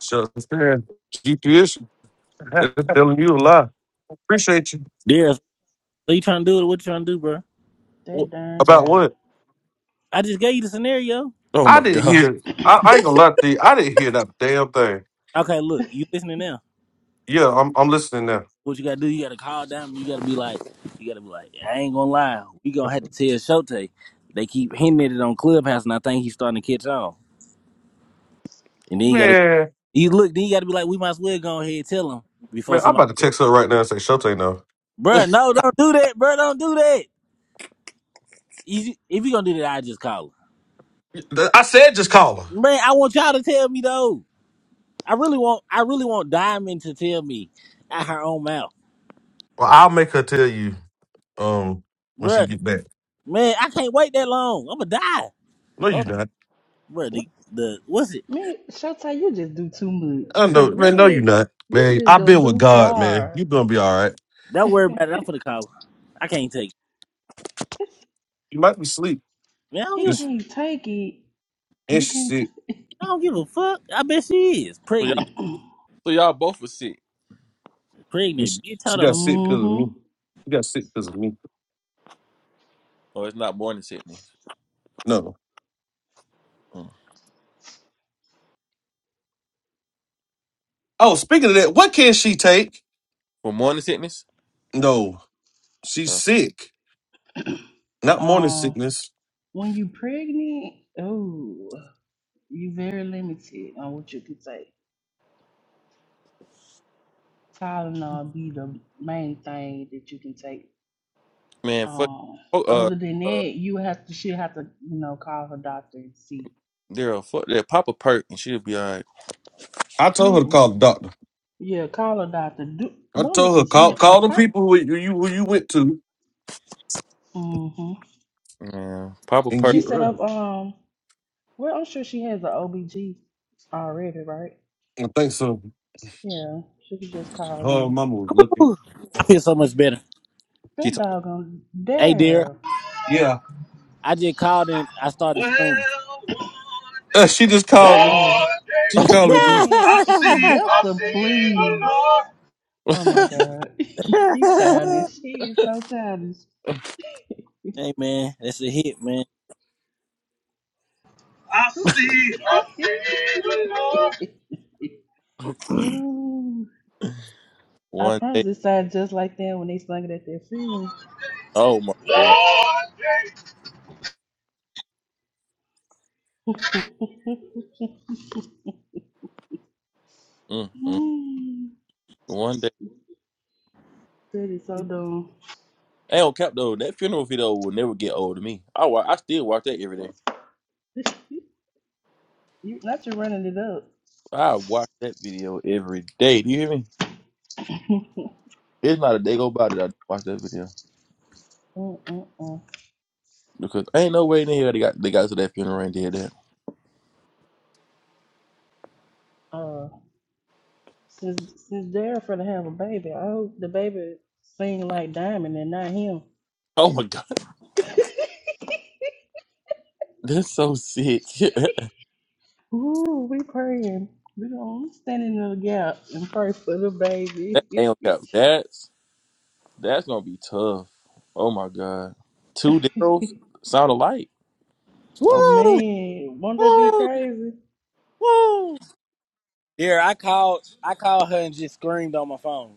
Shut up. That's telling you a lie. Appreciate you.
Darius, what you trying to do? What you trying to do, bro?
Wh-
that darn
About
there.
what?
I just gave you the scenario.
Oh
I
my
didn't
god.
hear.
*coughs*
I, I ain't gonna lie to you. I didn't hear that damn thing.
Okay, look, you listening now.
Yeah, I'm I'm listening now.
What you gotta do, you gotta call down, you gotta be like, you gotta be like, I ain't gonna lie, we gonna have to tell Shote. They keep hinting at it on Clubhouse, and I think he's starting to catch on. And then you gotta,
Man,
you look, then you gotta be like, we might as well go ahead and tell him before
man, I'm
somebody,
about to text her right now and say Shotay no.
*laughs* oh,
Bruh, no, don't do that, bruh, don't do that. If you if you gonna do that, I just call him.
I said just call her.
Man, I want y'all to tell me though. I really want I really want Diamond to tell me out her own mouth.
Well, I'll make her tell you um when she
Bruh,
get back.
man, I can't wait that long. I'ma die.
No,
so
you not.
Bruh, the, the what's it?
Man, Showtime, you just do too much.
I
Cause
know, man.
what?
No, you not,
You
man.
just
I've
go
been with
too
God, man.
far.
You gonna be all right.
Don't worry about it. I'm finna call her. I can't take it.
You might be asleep.
Man, I don't
He
give a
It's,
fuck.
can't take it.
and
You
she
can't take
sick.
I don't give a fuck. I bet she is.
y'all,
Pregnant.
*coughs* *clears throat*
so y'all both were sick.
It's,
Pregnant. Bitch,
she
hold
got
up.
sick because of me.
mm-hmm.
She got sick because of me.
Oh, it's not morning sickness.
No.
Mm.
Oh, speaking of that, what can she take?
For morning sickness,
No, she's
Uh,
sick. Not morning
Um,
sickness.
when you pregnant, oh. you very limited on what you can take. Tylenol be the main thing that you can take.
man, fuck.
Um,
Oh, uh,
other than
uh,
that, you have to she have to you know call her doctor and see.
Daryl, fuck that. Papa perk and she'll be all right.
I told her to
Man,
call the doctor.
yeah, call her doctor. Do,
I
don't
told her
listen to
call
Slim.
call the
Apart,
people who you you- who you went to
mm-hmm.
Man, Papa
and
perk.
she
get
set
ready.
up. Um, well, I'm sure she has an OBG already, right?
I think so.
Yeah, she could just call
Her
in.
mama was looking.
Whew. I feel so much better.
She
That
told.
doggone
Hey dear,
there.
Yeah,
I just called and I started
Well,
screaming.
one
Uh, she just
day,
called me.
Oh
one
*laughs*
day,
She
hey
called me.
man,
I
*laughs*
see, I
Besta,
see the
please.
Lord.
Oh my
*laughs*
God. *laughs* he childish. She is so childish.
man, that's a hit, man.
I see, I
*laughs*
see the Lord.
Ooh, I
One day.
promise it sounded just like that when they sung it at their funeral.
One
Oh my god.
day,
*laughs*
Mm-mm.
Mm, that is so dumb.
I don't cap though. That funeral video will never get old to me. I wa- I still watch that every day.
*laughs* you, not you running it up.
I watch that video every day. Do you hear me?
*laughs*
It's not a day go by that I don't watch that video
Mm-mm-mm.
because ain't no way in hell they got they got to that funeral and did that. *laughs*
uh, since since they're finna have a baby, I hope the baby sing like Diamond and not him.
Oh my god, *laughs* that's so sick. *laughs* that
Ooh, we praying. We gonna stand in the gap and pray for the
ain't
baby.
no cap. That's that's gonna be tough. Oh my god, two Daryls
*laughs*
sound alike. Oh,
Woo!
Man, won't that be
Woo!
crazy?
Woo! Yeah, I called. I called her and just screamed on my phone.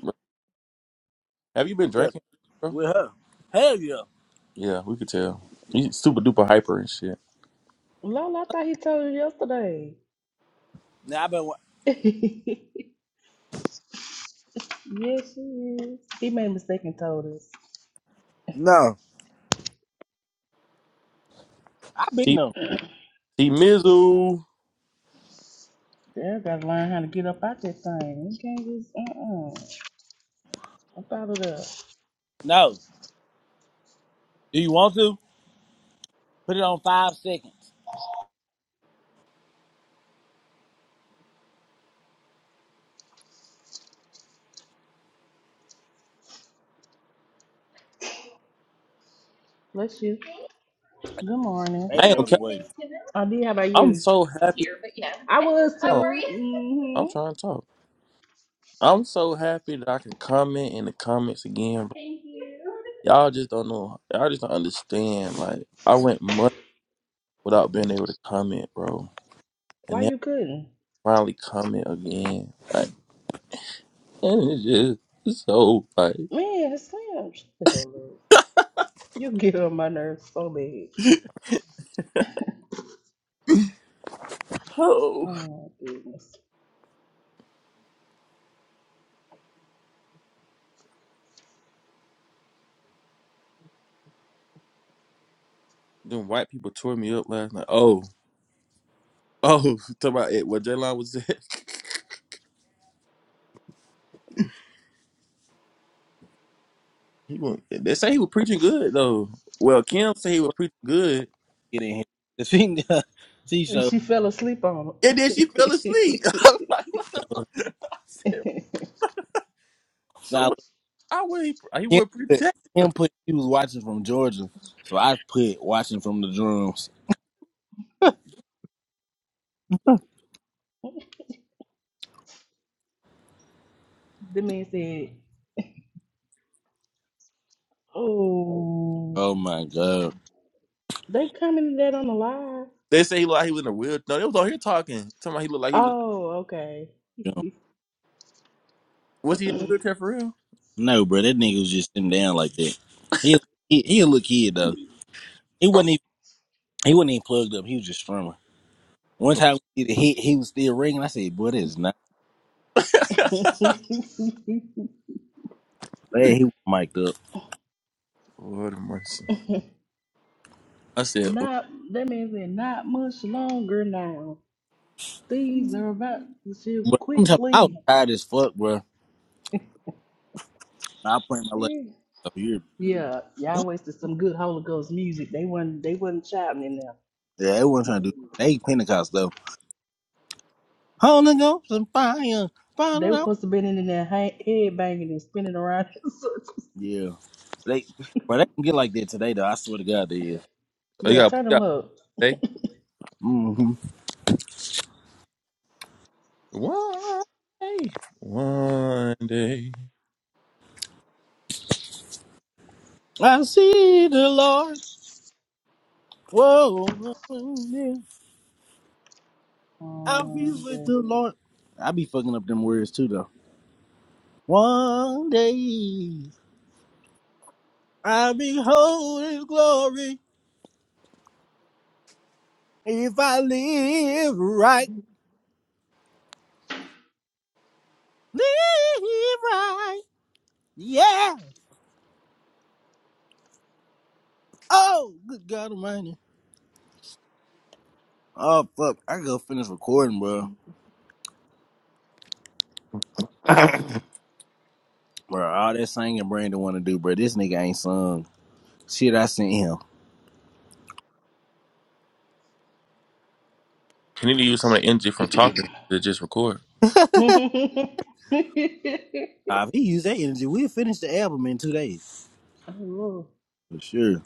bro. have you been
Yeah,
drinking, bro?
with her. Hell yeah.
Yeah, we could tell. He's super duper hyper and shit.
Lola, I thought he told you yesterday.
Now I've been. wa-
*laughs* yes, she is. He made a mistake and told us.
No, I've been
He
no.
he Mizzle.
They gotta learn how to get up out that thing. You can't just uh uh up out of there.
No. Do you want to put it on five seconds?
Bless you. Good morning. Did
I
you
Baby
ain't
Have a
gonna
on the
cap.
good
way.
Thanksgiving. I did. How about
I'm
you?
so
I
happy.
was here, but yeah. I was *laughs* too. How
Oh,
were you?
I'm
Mm-hmm.
trying to talk. I'm so happy that I can comment in the comments again.
*laughs*
But
Thank you.
y'all just don't know. Y'all just don't understand. Like I went months without being able to comment, bro, and
Why
then
you couldn't?
finally comment again. Like and it's just it's so like
Man, it's Slim, *laughs* shut the hell up. You get on my nerves so bad.
*laughs* oh.
Oh, my goodness.
Then white people tore me up last night. Oh oh, *laughs* talk about it. What J Line was at. *laughs* he went, they say he was preaching good though. Well, Kim said he was preaching good,
Get in here. The thing, *laughs* she
And
show.
she fell asleep on
and then she fell asleep. *laughs* I'm
him.
like, *laughs* what the fuck? *laughs* I said, so what
Now look,
I would. He, he
Kim
would
put.
protect.
Kim put. He was watching from Georgia, so I put watching from the drums.
*laughs* the man said, Oh,
Oh my god.
they commented that on the live.
They say he looked like he was in a wheelchair. No, they was on here talking. Talking about he looked like he was.
Oh, okay.
You know,
Was he in a
*laughs*
wheelchair for real?
No, bro, that nigga was just sitting down like that. He he he a little kid though. He
*laughs*
wasn't even he wasn't even plugged up. He was just strumming. One time we did a hit, he was still ringing. I said, "Boy, that is not bad." He was mic'd up,
Lord of mercy. I said,
not that man said not much longer now. Things are about to shift
but I'm talking. I was
quickly.
tired as fuck, bro. I played my leg up here.
Yeah, y'all
what?
wasted some good Holy Ghost music. They wasn't they wasn't shouting in there.
Yeah, they wasn't trying to do. They Pentecost though. Holy Ghost and fire,
They
fire
were
out.
supposed to been in there ha- head banging and spinning around. *laughs*
Yeah, they, but they don't get like that today though. I swear to God, they is.
Oh, you
Yeah,
got,
turn
you
them
got
up.
day.
hmm
One day. One day.
I see the Lord. Whoa, yeah. I'll be
Um,
with the
yeah.
Lord. I be fucking up them words too though. One day I'll behold His glory. If I live right, live right. Yeah. Oh, good God Almighty. Oh, fuck. I gotta finish recording, bro.
*coughs*
Bro, all that singing Brandon want to do, bro. This nigga ain't sung. Shit, I sent him.
He need to use some of the energy from talking to just record.
*laughs*
Uh, if he use that energy, we'll finish the album in two days.
Oh, Lord.
For sure.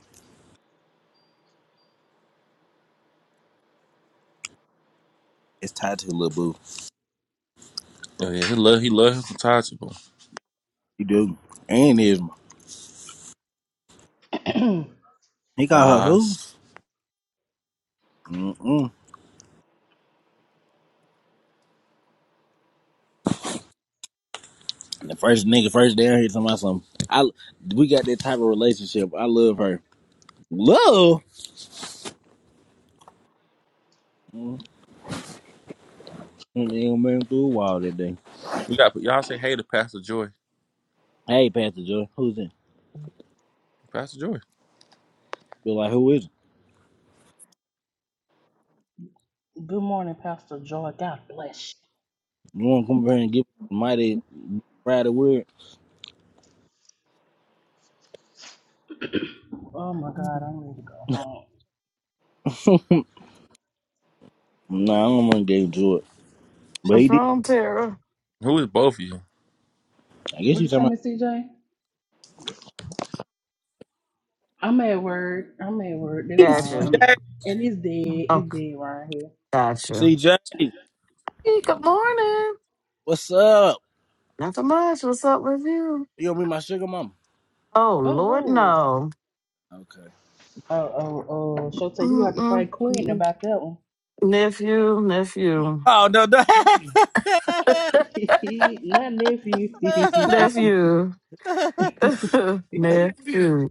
It's tied to Lil Boo.
Oh, yeah, he love he love his untouchable.
He do. And is He called her who?
Nas.
Mm-mm. The first nigga first down here talking about something. I, we got that type of relationship. I love her. Love? And they gonna bring him through a wall that day.
We got y'all say hey to Pastor Joy.
Hey, Pastor Joe, who's it?
Pastor Joy.
Be like, who is it?
*clears throat* Good morning, Pastor Joy. God bless
You wanna come over here and give the mighty Friday word?
you. *clears throat* Oh my God, I'm ready to go home.
*laughs* nah, I don't wanna get into it. But he
What's
did.
wrong, Tara?
Who is both of you?
I guess
What
you
you say,
talking about
Miss CJ? I'm at work. I'm at work.
Hey,
That's all.
Gotcha.
And it,
CJ.
and it's dead. It's
Okay,
dead right here.
gotcha.
CJ,
Hey, good morning.
what's up?
Nothing much. What's up with you?
You gonna be my sugar mama?
Oh,
Oh
Lord,
Lord.
no.
Okay.
Oh oh oh. Shotay, you gonna have to
Mm-mm.
fight Quentin
Mm-mm.
about that one.
Nephew, nephew,
Oh no, no. *laughs*
*laughs* Not nephew.
nephew, *laughs* nephew.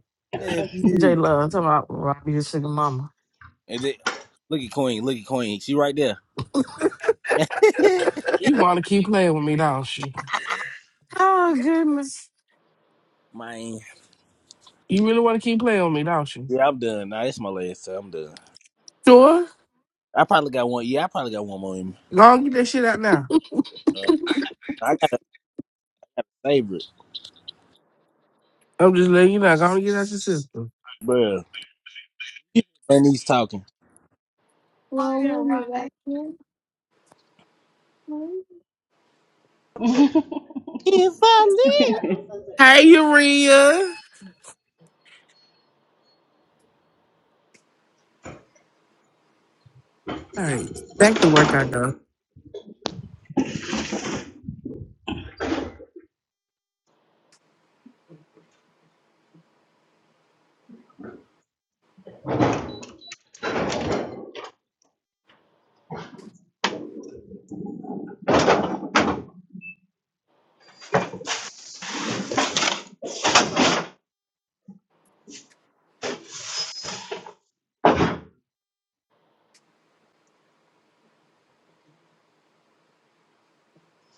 J
Nephew.
Love, talking about Robbie, your sugar mama.
And then- look at Queen, look at Queen. She right there. *laughs*
You want to keep playing with me, don't you?
Oh, goodness.
Man.
You really want to keep playing with me, don't you?
Yeah, I'm done. Nah, it's my last time. I'm done.
Sure.
I probably got one yeah, I probably got one more in
Go on, get that shit out now.
me. I got a favorite,
I'm just letting you know. Go on, get out your system.
bruh. Bernie's talking.
Are
Lola,
you
you
right?
got them,
If I leave.
*laughs*
Hey, Urea. All right, back to work I go.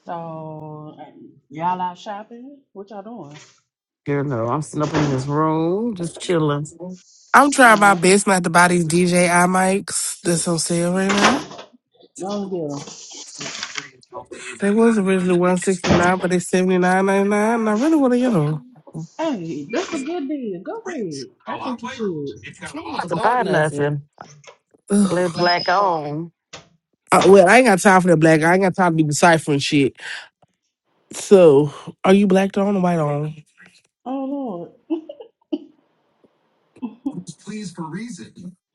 So um, y'all out shopping? What y'all doing?
Girl, no, I'm sitting up in this room, just chilling.
I'm trying my
Uh,
best not to buy these DJI mics that's on sale right
long
now.
deal.
They was originally one sixty nine, but they seventy nine ninety nine, and I really want to get them.
Hey, that's a good deal. Go ahead. I think you should.
have to buy
nothing.
nothing.
Ugh.
Live
It's like
black
on.
on.
Uh, well, I ain't got time for that black. I ain't got time to be deciphering shit. So, are you blacked on or no white on?
Oh Lord.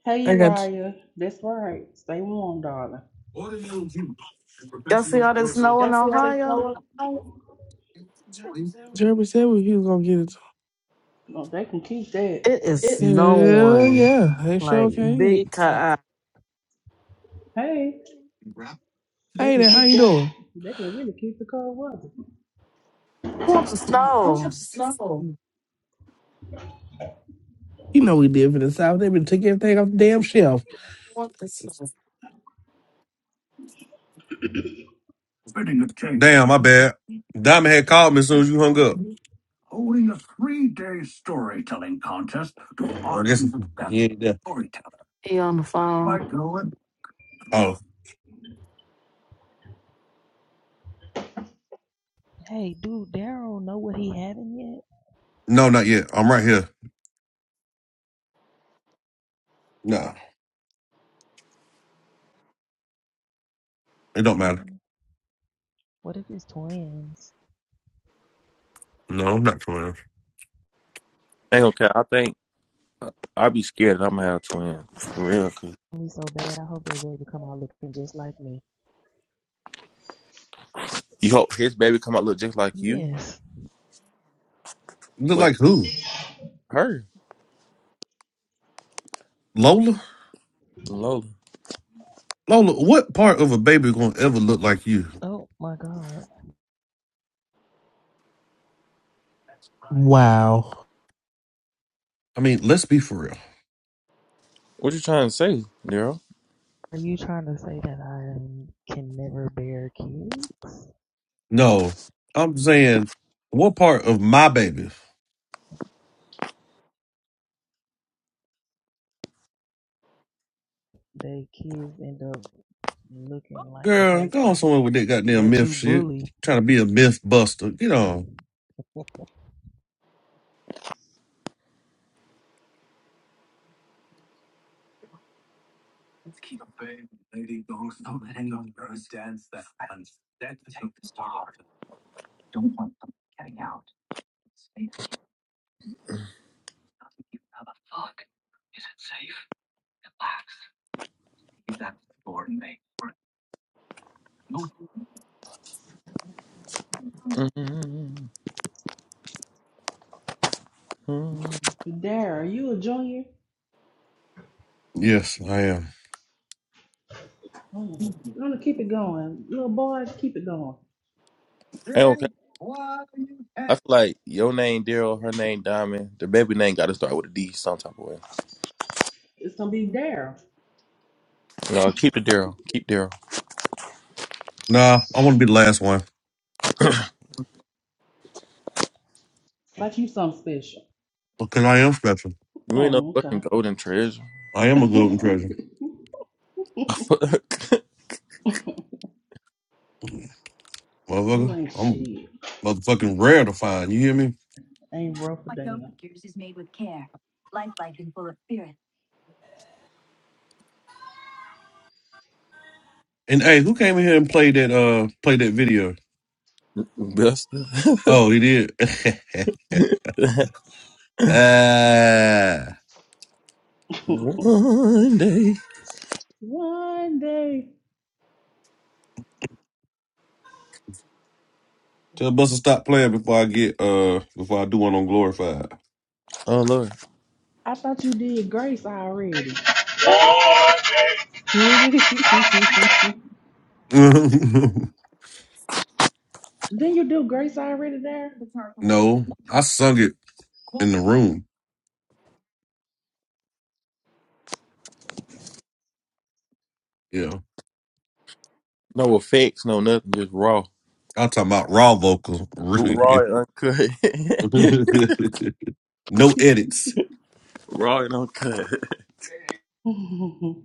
Hey
I got
Uriah. That's right. Stay warm, darling.
Y'all see all this snow
Y'all
in
see how they
Ohio?
color? Jeremy said we he was gonna get it.
No, they can keep that.
It is
It's Hell
snowing.
yeah, they sure
Like
okay. big
big
time.
time.
Hey, they
Hey
can
there, how
keep
you
that.
doing?
They can really keep the cold weather.
Who wants to snow?
Snow. You know we live in the south. They been taking everything off the damn shelf.
Spreading the case. Damn, my bad. Diamond had called me as soon as you hung up. Holding a three day I guess. Yeah. yeah.
He on the phone.
Oh
Hey, dude, Daryl know what he having yet?
no, not yet. I'm right here. No, it don't
I'm
matter.
wondering, what if it's twins?
No, I'm not coming.
Ain't okay. I think I'd be scared that I'm gonna have twins. For real. 'Cause
Me so bad. I hope that baby come out looking just like me.
You hope his baby come out look just like you?
Yes.
Look
Wait,
like who?
her?
Lola?
Lola.
Lola, what part of a baby gonna ever look like you?
Oh my God.
Wow.
I mean, let's be for real.
What you trying to say, Daryl?
Are you trying to say that I can never bear kids?
No, I'm saying, what part of my baby?
They kids end up looking like the
Girl, go on
person
somewhere with that goddamn
that
myth
you
shit.
bully.
Trying to be a myth buster. Get on.
*laughs*
Mm-hmm.
Dara, you a junior?
Yes, I am.
Mm. I'm gonna keep it going. Little boys, keep it going.
Hey, okay. I feel like your name Daryl, her name Diamond. The baby name got to start with a D some type of way.
It's gonna be Dare.
No, keep the Daryl. Keep Daryl.
Nah, I want to be the last one
Like you something special.
because I am special.
You ain't no
Oh,
fucking golden treasure.
I am a
okay.
golden
*laughs*
treasure.
*laughs* Fuck.
You
Motherfucker,
ain't
I'm
shit.
motherfucking rare to find. You hear me?
Ain't rough a damn.
And hey, who came in here and played that uh played that video?
Buster. *laughs*
Oh, he did. *laughs* Uh,
*laughs*
One day.
One day.
tell Buster stop playing before I get uh before I do one on glorified.
Oh, Lord.
I thought you did grace already. *laughs*
one day, one day.
Didn't
*laughs*
you do grace already there?
no, I sung it in the room. Yeah,
No effects, no nothing. Just raw.
I'm talking about raw vocals. *laughs*
Raw
Really,
and uncut. *laughs*
no edits.
raw and uncut.
*laughs* what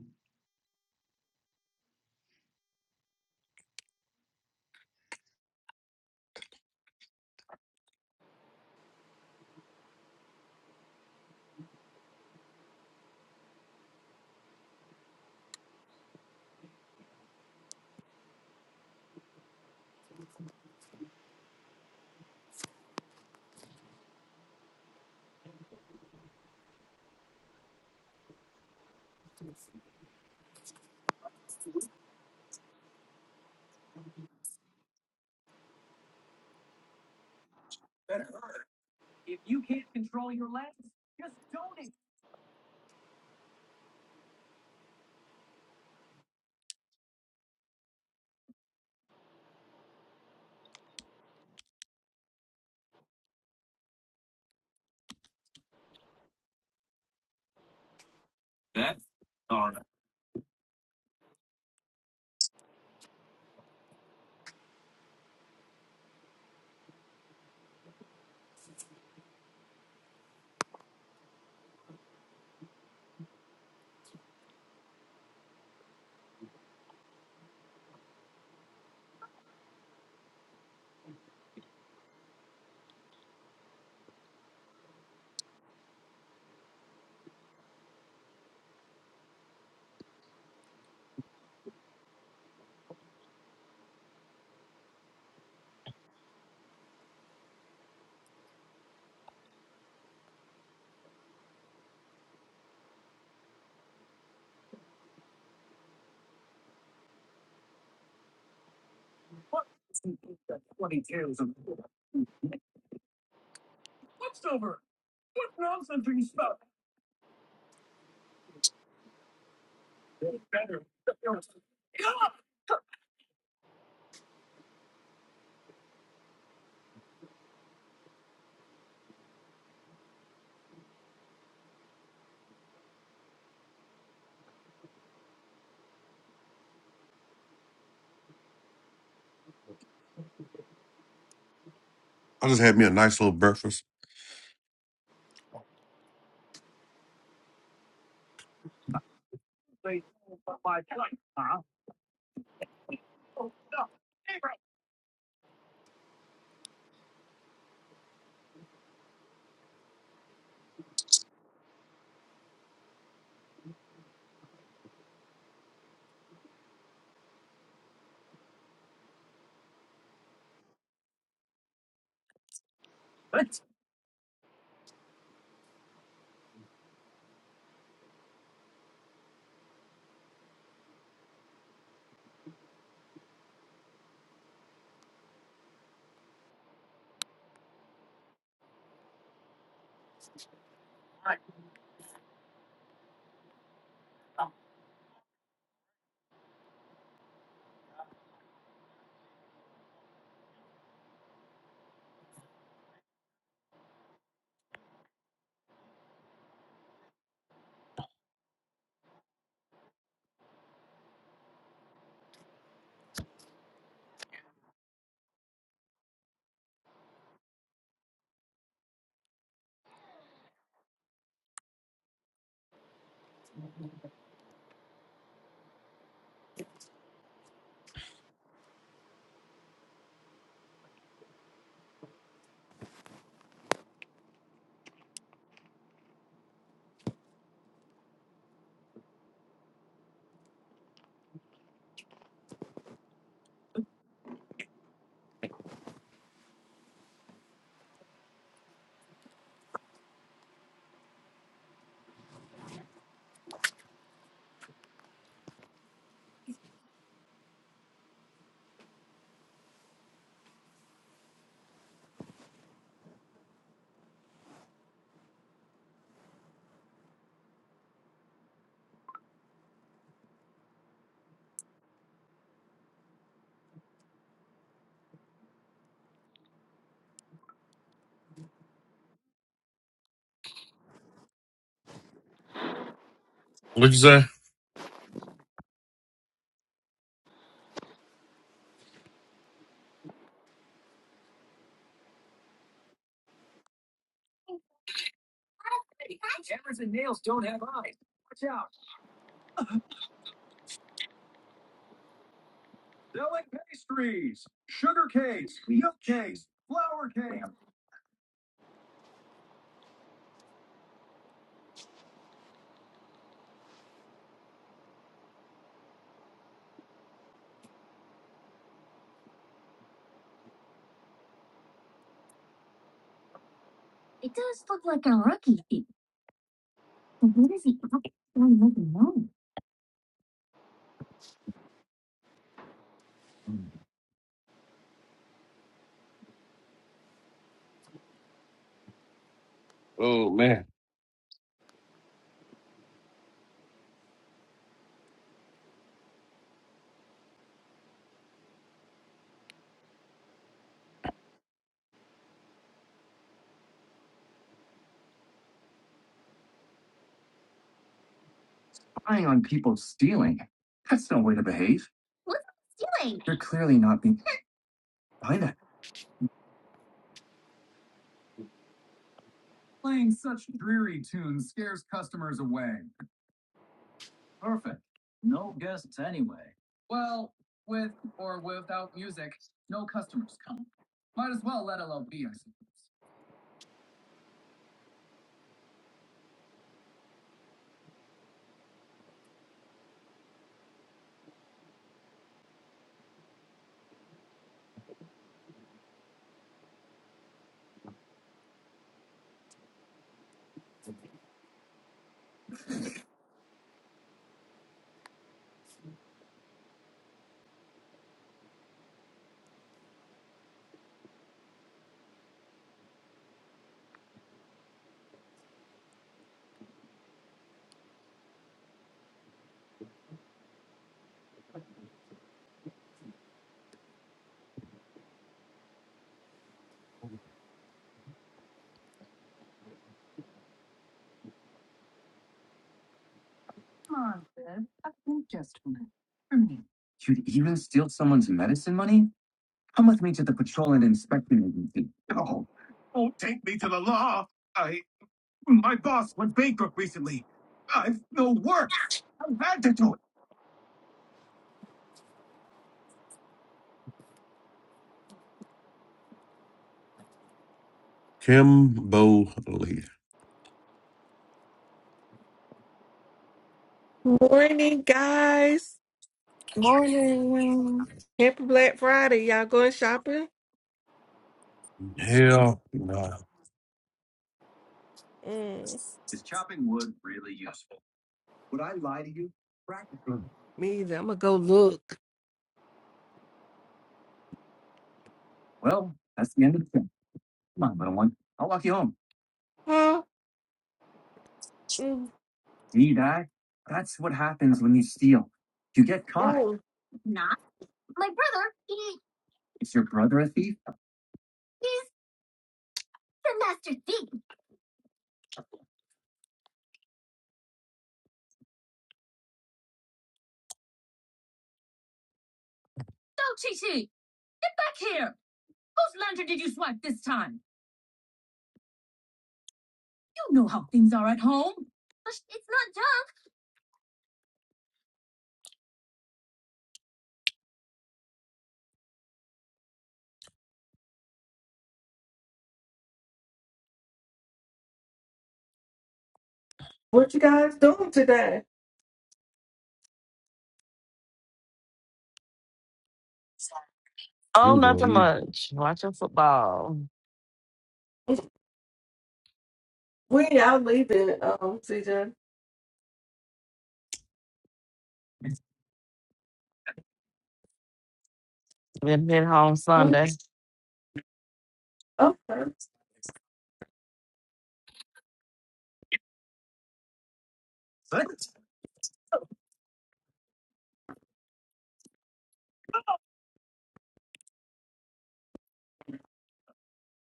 I just had me a nice little breakfast. what you say? Oh man. Kim Bo Lee.
Morning, guys.
Morning.
Happy Black Friday. Y'all going shopping?
Hell no.
Mm, me either. I'm going to go look. Huh? Mm, mm. What you guys doing today?
Oh,
I'm
nothing
gonna
much. Watching football.
When y'all leaving, um, CJ?
Been hit home
Okay.
Sunday.
Okay.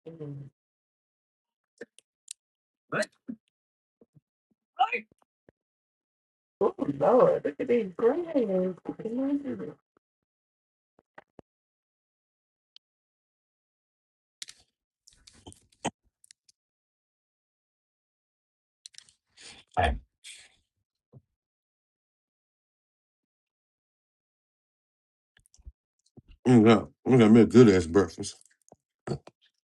Mm. Oh, Lord. Look at these grams.
I'm gonna- I'm gonna make a good ass breakfast.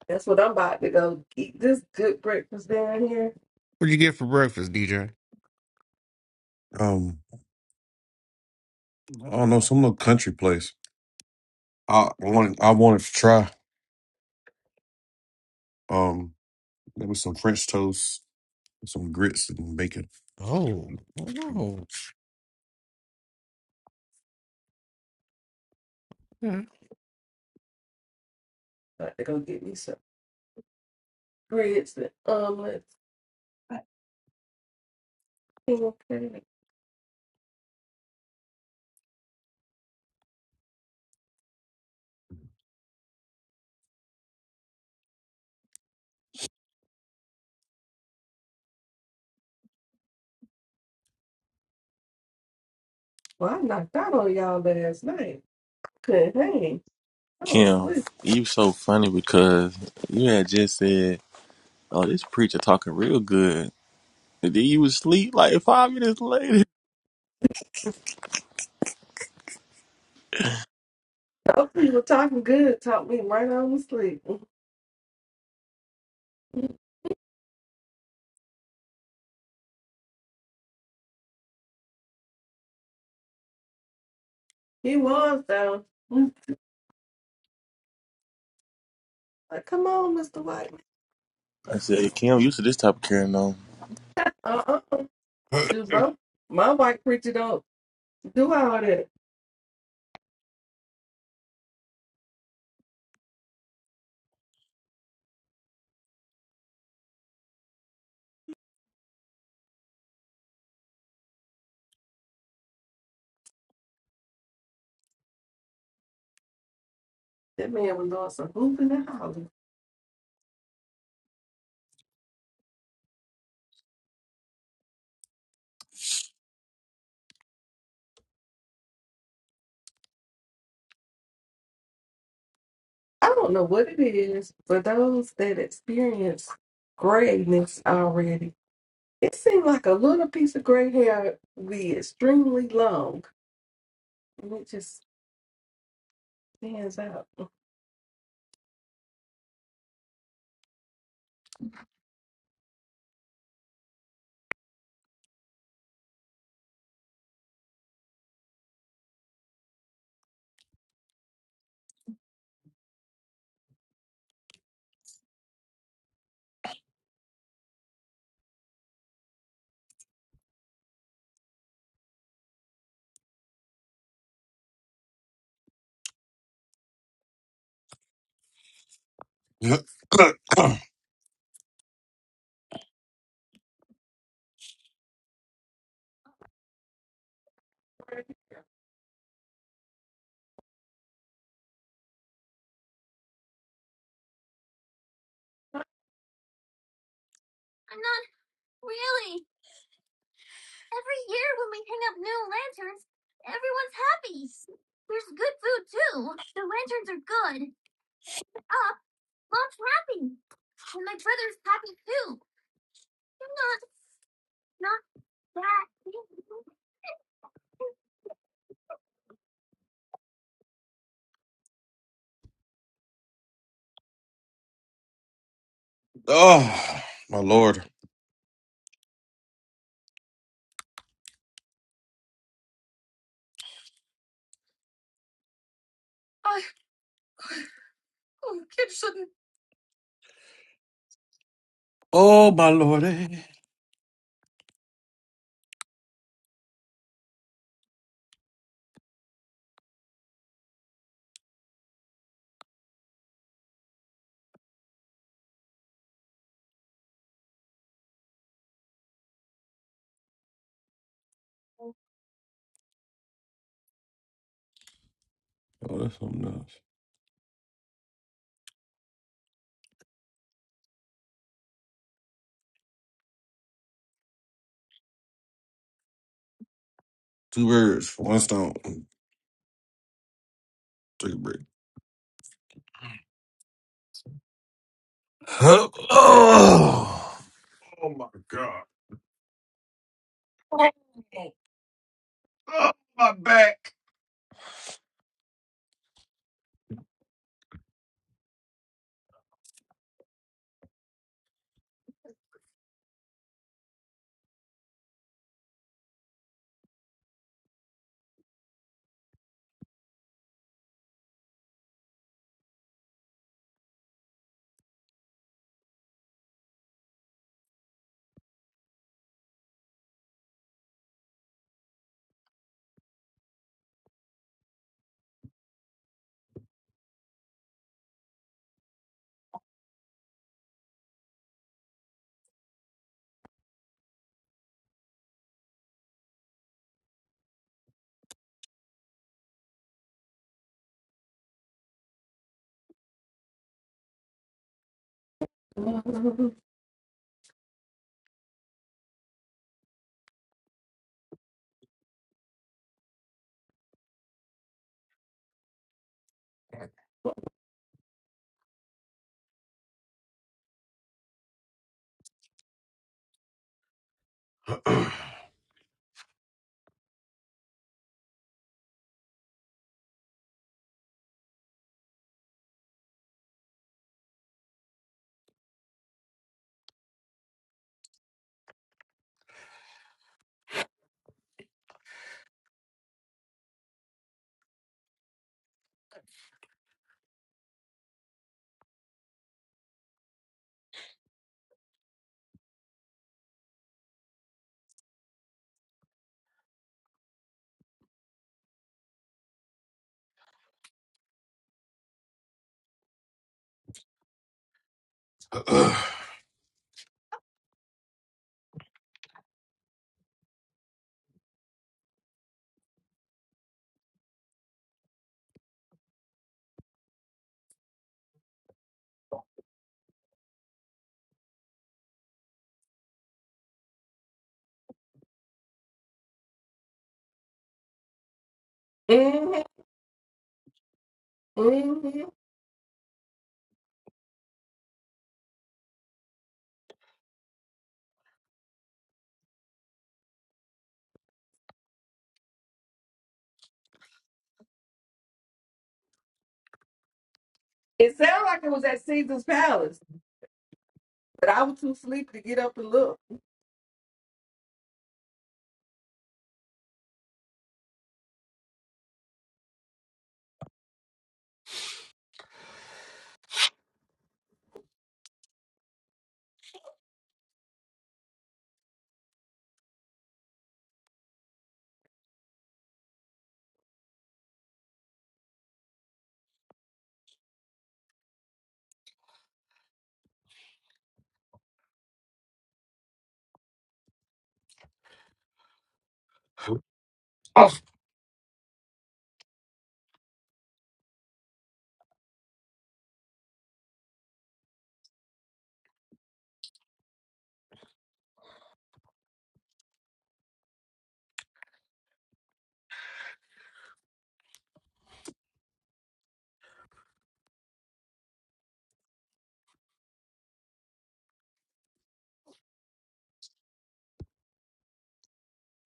That's what I'm about to go eat. This good breakfast down here.
What'd you get for breakfast, DJ?
Um, I don't know, some little country place. I wanted I wanted to try. Um, there was some French toast. Some grits and bacon.
Oh, oh, no. Yeah.
About to go get me some grits and omelets. Okay. Well, I knocked out on y'all last night. Couldn't hang. I was
Kim,
asleep.
you so funny because you had just said, "Oh, this preacher talking real good," and then you was asleep like five minutes later.
Those people talking good talked me right on to sleep. Mm-hmm. He was though. Mm-hmm. Like, come on, Mr. White.
I said, "Kim, you used to this type of carrying on."
Uh uh Shoot, my, my white preacher don't do all that. That man was doing some hooping and hollering. I don't know what it is for those that experience grayness already. It seemed like a little piece of gray hair be extremely long, and it just stands out. *laughs*
*coughs* oh, my lord. Oh, my lord. Oh, that's something else. Two birds, one stone. Take a break. *sighs* *gasps* oh my god. Oh, my back.
Mhm.
*clears throat* they
Mhm. Mhm. It sounded like it was at Caesar's Palace. But I was too sleepy to get up and look.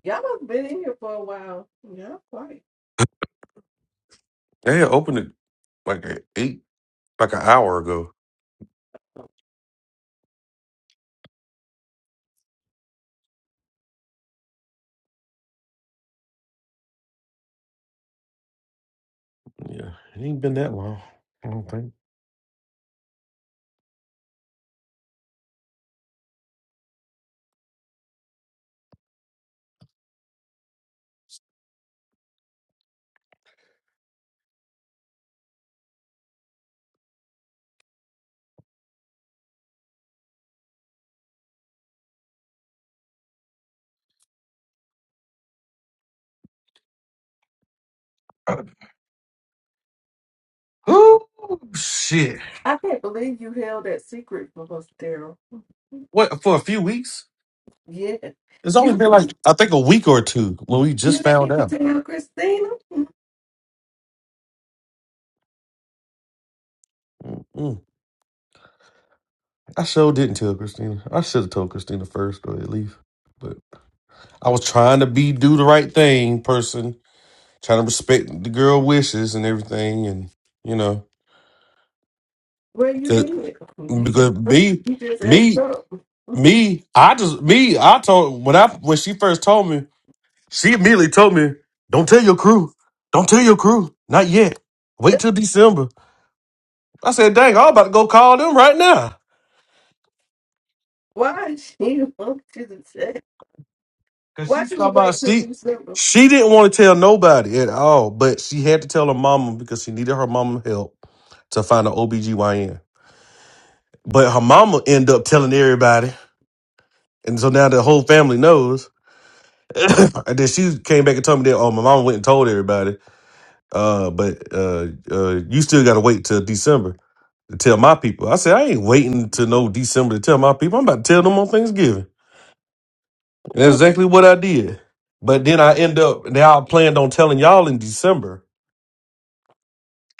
Y'all have been in here for a while. Y'all quiet.
had opened it like at eight, like an hour ago. Yeah, it ain't been that long. I don't think. *clears throat* Oh shit!
I can't believe you held that secret from us, Daryl.
What for a few weeks?
Yeah.
It's only
You
been like
didn't,
I think a week or two when we
you
just
didn't
found
even
out.
tell Christina.
Mm-mm. I sure didn't tell Christina. I should have told Christina first or at least. But I was trying to be do the right thing, person, trying to respect the girl wishes and everything, and you know,
Well, you did.
'cause-
You just,
because me,
you just effed
me
up.
Me, I just me, I told when I when she first told me, she immediately told me, Don't tell your crew. Don't tell your crew. Not yet. Wait till December. I said, dang, I'm about to go call them right now.
Why she want you to say?
Cause
Why
she's
should we
talking about
wait till
she
December?
she didn't want to tell nobody at all, but she had to tell her mama because she needed her mama help to find an OBGYN. But her mama ended up telling everybody. And so now the whole family knows. *laughs* *coughs* and then she came back and told me that, oh, my mama went and told everybody. Uh, but uh, uh, you still got to wait till December to tell my people. I said I ain't waiting to no December to tell my people. I'm about to tell them on Thanksgiving. And that's
*laughs*
exactly what I did. But then I end up now I planned on telling y'all in December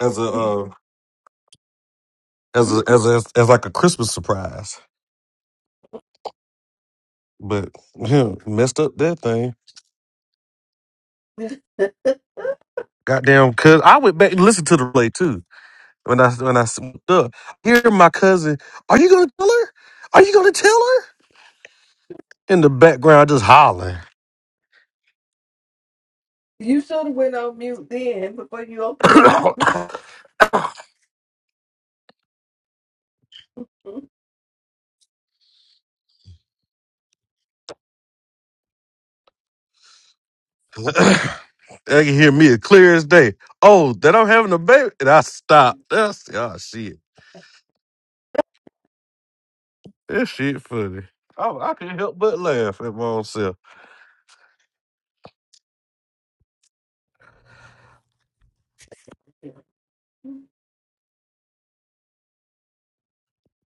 as a uh, as a as a, as like a Christmas surprise. But yeah, messed up that thing. Goddamn, cuz I went back and listened to the play too. When I when I smoked up, hear my cousin, are you gonna tell her? Are you gonna tell her? In the background, just hollering.
you should have went on mute then before you opened your mouth.
*coughs*
*laughs*
They can hear me as clear as day. Oh, that I'm having a baby, and I stopped. That's oh shit. That shit funny. Oh, I can not help but laugh at my own self.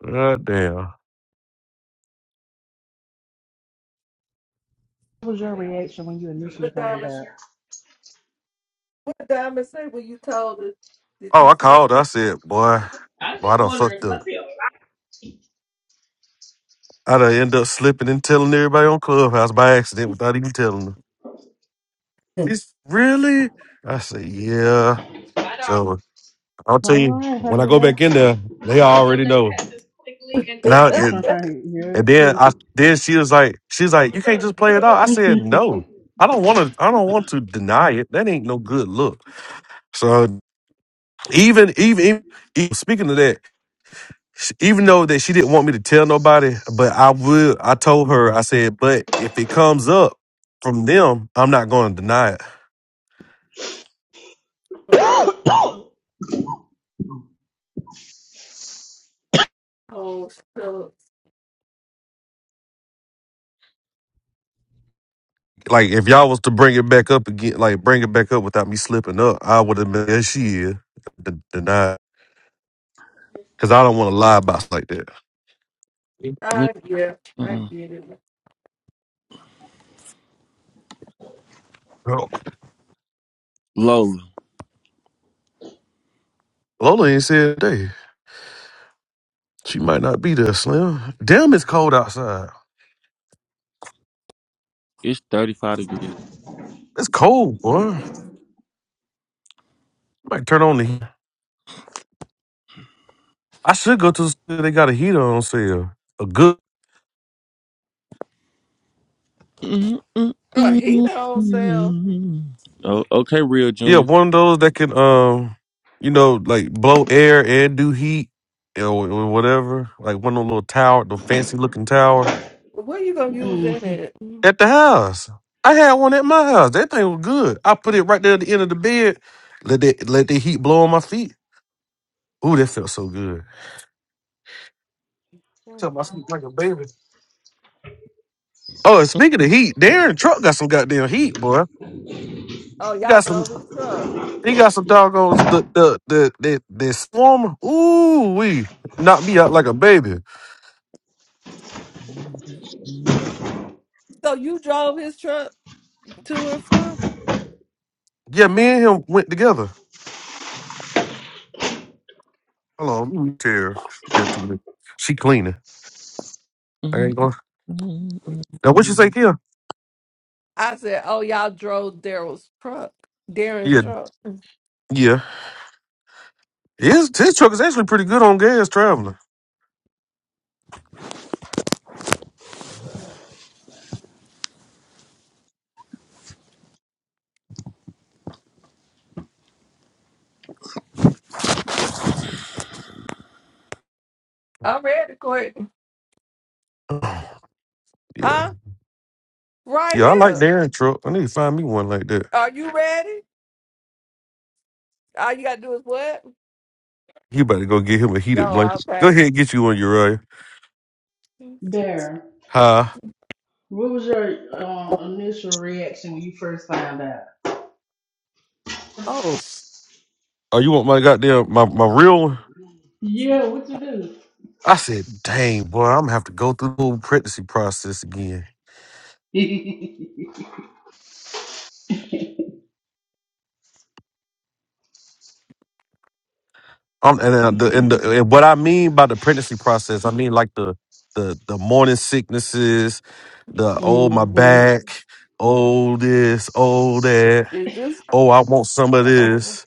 God damn.
was your reaction when you initially
What
found it
time
out?
What did Diamond say when you told her that
Oh,
you
I
slipped?
called. I said, boy, boy, I done fucked up. I done end up slipping and telling everybody on Clubhouse by accident without even telling them.
her?
She's really? I said, yeah.
I don't.
So I'll tell
All
you,
right, have
when
a
I
good
go
day.
back in there, they
I hope your
already
day
know.
passes quickly and
And
easily. *laughs*
I,
All right,
And
yours
then I
too.
then she was like, she's like, you can't just play it out. I said, no,
*laughs*
I don't want to. I don't want to deny it. That ain't no good look.
*laughs*
So even even, even even- speaking of that, sh- even though that she didn't want me to tell nobody, but I would. I told her. I said, but if it comes up from them, I'm not going to deny it.
*laughs*
oh, shucks.
Like if y'all was to bring it back up again, like bring it back up without me slipping up, I would have been. Yeah, she is d- denied because I don't want to lie about stuff like that.
What,
I yeah, I
uh,
get it.
Bro,
Lola,
Lola ain't said a day. She might not be there, Slim. Damn, it's cold outside.
it's thirty-five degrees.
It's cold, boy. Might turn on the heat. I should go to the store. They got a heater on sale. A good,
Mm, mm,
Oh, he
mm,
don't sell.
mm. Oh, okay, real
yeah,
junior.
one of those that can, um, you know, like blow air and do heat or, or whatever. Like one of those little tower, the fancy looking tower
Well, Where you gonna use that
Mhm.
at?
at the house. I had one at my house. That thing was good. I put it right there at the end of the bed. Let that let the heat blow on my feet. Ooh, that felt so good. Tell my sleep like a baby. Oh, and speaking of heat, Darren Truck got some goddamn heat, boy.
Oh,
He
y'all
got some.
drove his truck.
He got some doggos. The the the the, the swarm. Ooh wee, knocked me out like a baby.
Mm,
So you drove his truck to and from?
Yeah, me
From?
and him went together. Hold on, let me tell her. She got too many. She cleaning. I
mm,
ain't going.
mm,
Now what you say,
mm.
Kim?
I said, oh, y'all drove Daryl's truck. Darren's
Yeah,
truck.
yeah. His his truck is actually pretty good on gas traveling.
I'm ready, Courtney.
*clears throat* Oh, yeah,
Huh? Right
yeah. I like
here.
Darren Truck. I need to find me one like that.
Are you ready? All you gotta do is what?
You about to go get him a heated
Yo,
blanket. Go
okay.
ahead and get you one, Uriah.
there.
Huh?
What was your um, initial reaction when you first found out?
Oh, s-
Oh, you want my goddamn my, my real one?
Yeah, what you do?
I said, dang, boy, I'm gonna have to go through the whole pregnancy process again.
*laughs* mm-hmm.
Um, and, uh, the, and, the, and what I mean by the pregnancy process, I mean like the the the morning sicknesses, the oh my
*laughs*
back, oh this, oh that,
is this?
oh I want some of
Oh,
this.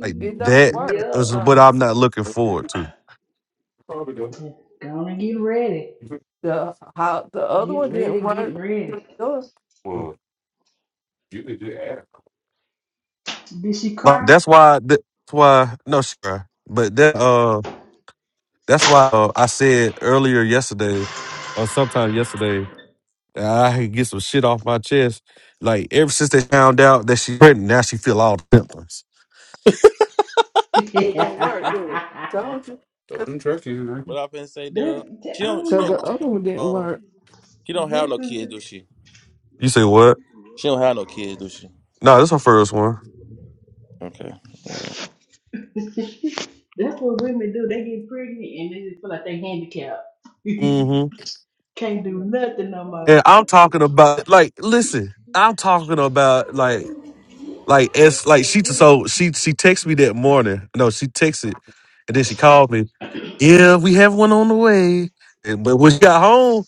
Like
it don't
that
work.
yep.
is what
Um,
I'm not looking forward to.
Gonna get ready.
the how the other
Get
one didn't
ready, get
work. It
ready.
don't
Mm.
Did she
Like,
cry?
that's why. That's why. No, sure. But that. Uh, that's why uh, I said earlier yesterday, or sometime yesterday, that I could get some shit off my chest. Like ever since they found out that she's pregnant, now she feel all the symptoms.
*laughs* that's
it don't work, do it?
I
Told you.
What I been say, Daryl? She don't. She
don't
Cause
don't.
the
know.
She
other one didn't
don't, um,
work.
she don't have no
That's
kids, do she?
You say what?
She don't have no kids, do she?
No, this her first one.
Okay. Yeah.
is *laughs* that's what women do. They get pregnant and they just feel like they handicapped. *laughs*
Mm-hmm.
Can't do nothing
And
no
I'm talking about like, listen, I'm talking about like Like it's like she t- so she she texted me that morning. No, she texted and then she called me. Yeah, we have one on the way. And, but when she got home,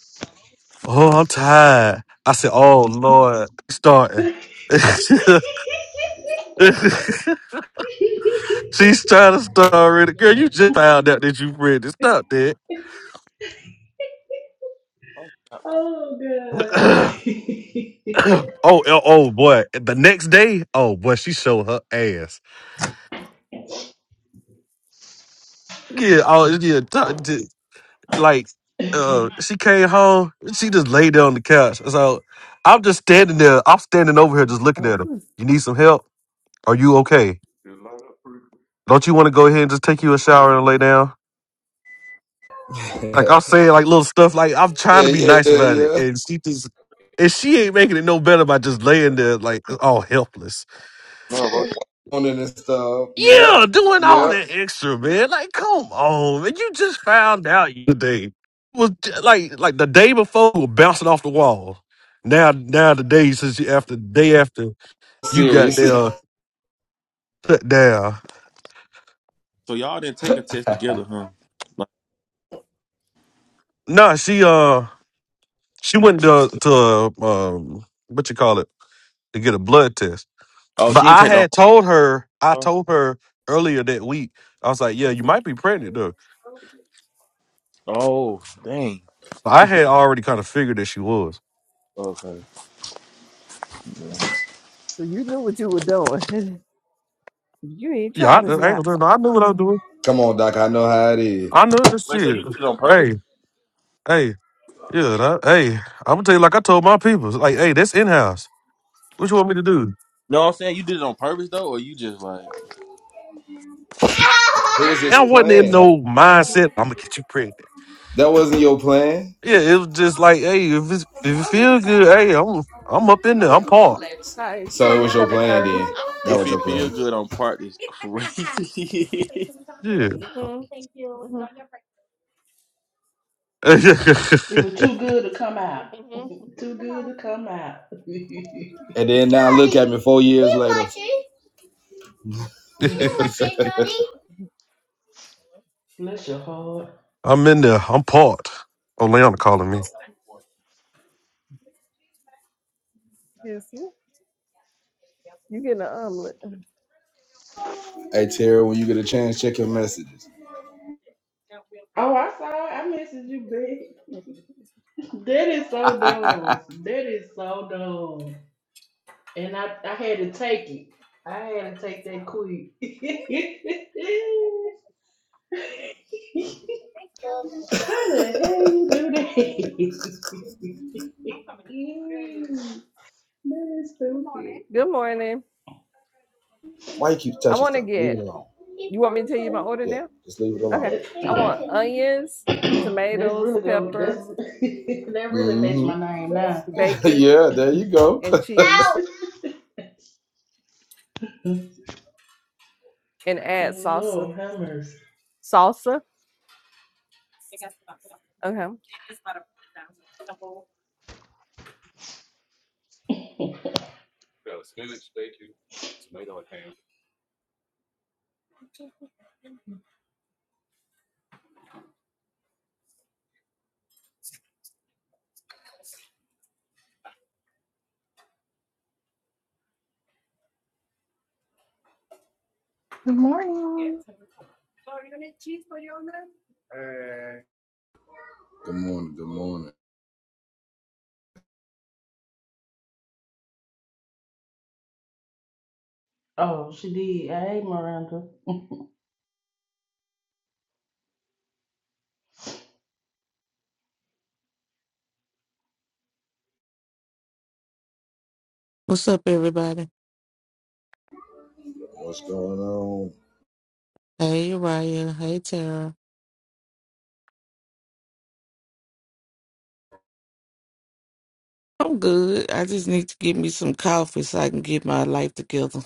oh, I'm tired. I said, oh Lord, starting. *laughs* She's trying to start already. Girl,
more.
you just found out that you read it. Stop that.
*laughs* *laughs*
No,
Oh, good. *laughs*
*clears throat* *coughs*
it
oh, oh, oh, boy. The next day, oh boy, she showed her ass. Yeah, oh yeah. like uh she came home and she just laid there on the couch. So I'm just standing there. I'm standing over here
You,
just looking
oh,
at her.
*laughs*
You need some help? Are you okay? Don't you want to go ahead and just take you a shower and lay down?
yeah,
Like I'm saying like little stuff like I'm trying
yeah,
to be nice
yeah,
about it.
yeah.
And she just and she ain't making it no better by just laying there like all helpless.
bro.
On in and stuff. Yep,
Yeah, doing all
yep.
that extra, man. Like, come on, man. You just found out you- today. was j- like like the day before we were bouncing off the wall. Now now the day since you after day after you got
Serious.
there uh, shut down.
So y'all didn't take a test together, huh? Like,
Nah, she uh she went to to um what you call it to get a blood test.
oh,
But
she didn't
I
take no
had told her I
home.
told her earlier that week. I was like, yeah, you might be pregnant though.
Oh, dang.
So I had already kind of figured that she was.
Okay.
So you knew what you were doing. *laughs* You ain't
Yeah, I, I
trying
ain't
to not.
gonna tell you, no, I knew what I was doing.
*laughs* Come on, Doc. I know how it is.
I know this
Wait, so
shit.
you did it on purpose?
Hey, hey, yeah, that, hey, I'm gonna tell you like I told my people, like, hey, that's in house. What you want me to do?
No, I'm saying you did it on purpose though, or you just like,
All
It was
And
his
I
right.
wasn't in
like
plan.
no mindset. I'm gonna get you pregnant.
That wasn't your plan.
Yeah, it was just like, hey, if it's, if it feels good, hey, I'm I'm up in there.
Yeah,
I'm
we don't
part.
play about All right,
So it
we
was
don't
your
play
plan then. That
if
was
about-
your
it feel
plan.
good on part is crazy.
27 30.
*laughs*
Twenty
Yeah,
seven hmm *laughs* Thank you.
*laughs*
was too good to come out.
hmm
Too good to come out. *laughs*
And then now look at me four years later.
Mm, Bless your heart.
I'm in there. I'm part. Oh, Leona calling me.
Yes, you. You getting them.
Hey, Tara, when you get a chance, check your messages.
Oh, I saw it. I messaged you, babe. That is so dumb. That is so dumb. And I, I had to take it. I had to take that quick. *laughs* How the hell you do that? *laughs* Ew, that is stupid.
Good morning.
Why you keep
I
touching
want to
stuff? Leave
get,
it alone.
you want me to tell you my order
Yeah,
now?
just leave it alone.
Okay.
That's
I
Put it
want
*coughs* *clears throat*
out.
onions,
that's
tomatoes,
really go. That's *laughs*
peppers,
that really matched
Mm-hmm.
my name now.
*laughs*
bacon,
yeah, there you go.
and
*laughs*
cheese, and
*laughs*
add salsa.
Lord have mercy.
Salsa? Okay.
Good morning.
Good morning. Good morning.
Oh, she did. I hate Miranda.
What's up, everybody?
What's going on?
Hey, Ryan. Hey, Tara. I'm good. I just need to get me some coffee so I can get my life together.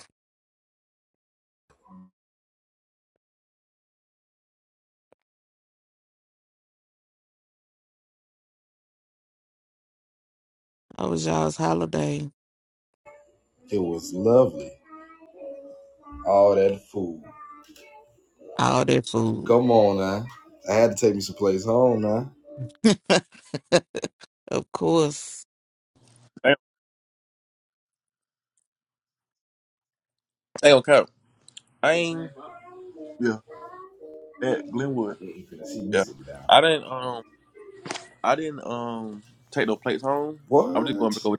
I was y'all's holiday.
It was lovely. All that food.
All that food.
Come on now. I had to take me some place home now.
*laughs* of course.
Damn. hey, okay. I ain't. Yeah, at Glenwood.
Yeah, You couldn't see me
Yeah,
sitting down.
I didn't. Um, I didn't. Um, take no plates home. I'm just going back
What?
over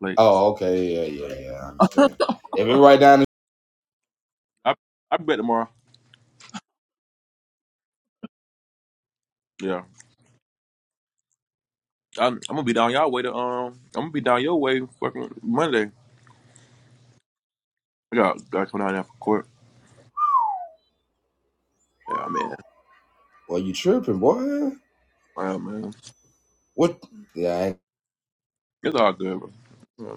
the plates.
Oh, okay. Yeah, yeah, yeah. I understand. If it right down the
I I bet tomorrow. Yeah, I'm, I'm gonna be down y'all way to um. I'm gonna be down your way fucking Monday. I got got coming out there for court. Yeah, man.
well, you tripping, boy.
Wow, man.
What? Yeah, I ain't
It's all good, bro. Yeah.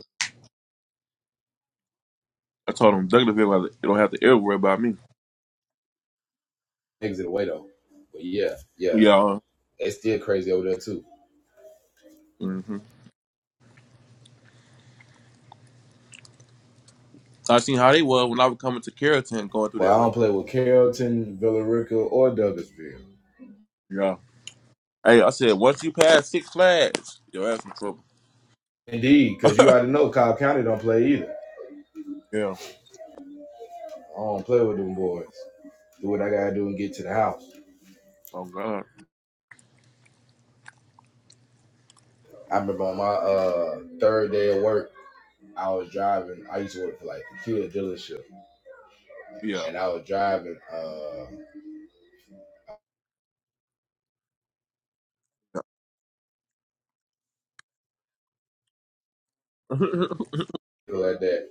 I told them Douglasville, like, you don't have to ever worry about me.
exit away though. But yeah, yeah.
Yeah.
They still crazy over there too.
Mm-hmm. I seen how they were when I was coming to Carrollton going through
But
that
I
way.
don't play with Carrollton, Villarica, or Douglasville.
Yeah. Hey, I said, once you pass Six Flags, you'll have some trouble.
Indeed, because you
*laughs*
already know Cobb County don't play either.
yeah.
I don't play with them boys. Do what I gotta do and get to the house.
Oh, God.
I remember on my uh, third day of work, I was driving. I used to work for like a Kia dealership,
Yeah.
and I was driving. Uh,
*laughs*
like that.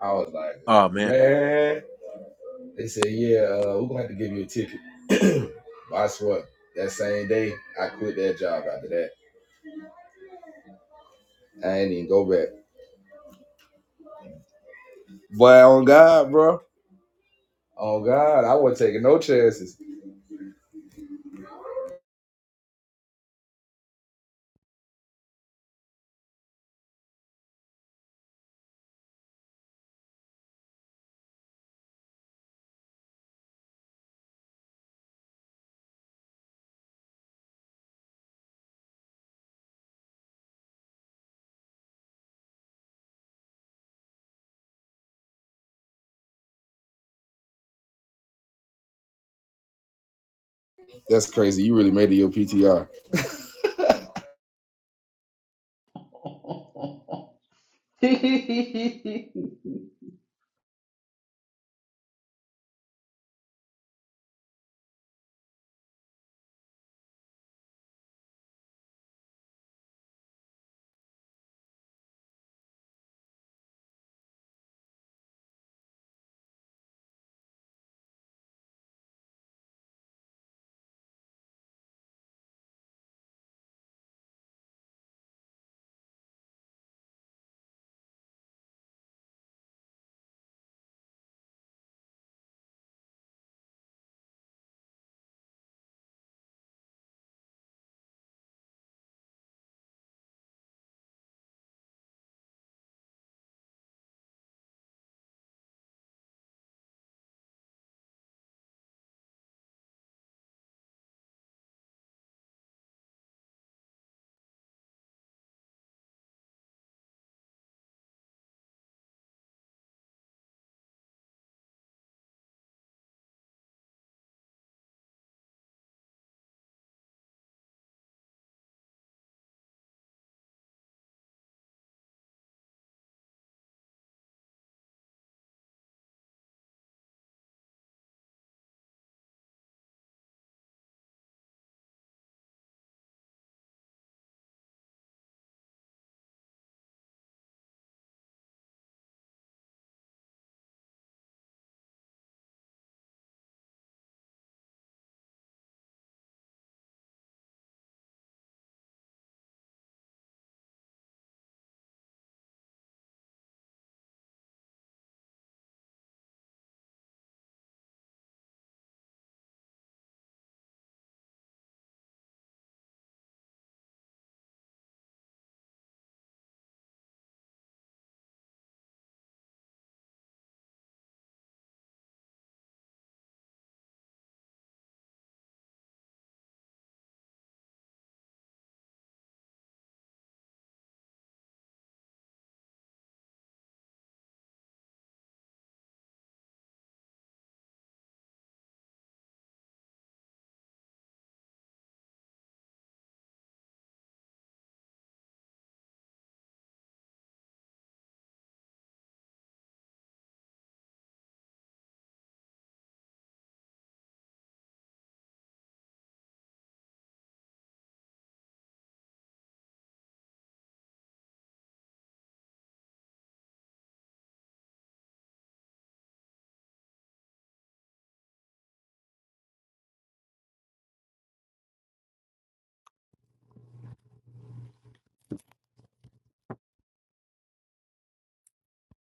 I was like,
oh, man.
man. They said, yeah, uh, we're gonna have to give you a ticket. *clears throat* but I swear, that same day, I quit that job. After that, I ain't even go back. But on God, bro, on God, I wasn't taking no chances. That's crazy. You really made it your PTR.
*laughs*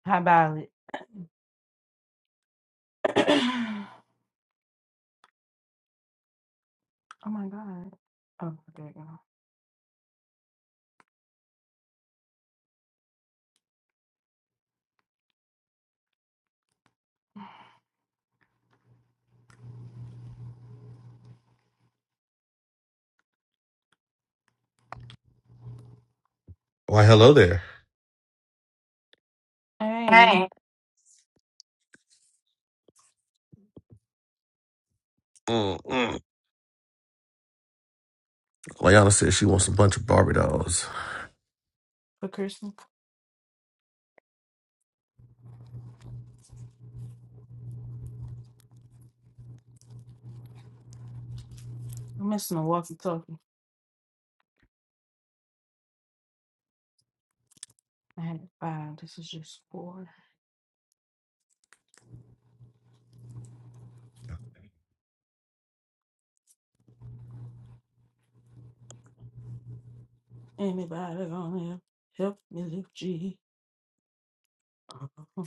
How about it? *clears throat* oh my god. Oh, there you go.
Why, hello there.
Hey,
Mm-mm. Leona said she wants a bunch of Barbie dolls.
for Christmas. I'm missing a walkie talkie. I had five. This is just four. Anybody gonna help me lift G? Uh-huh.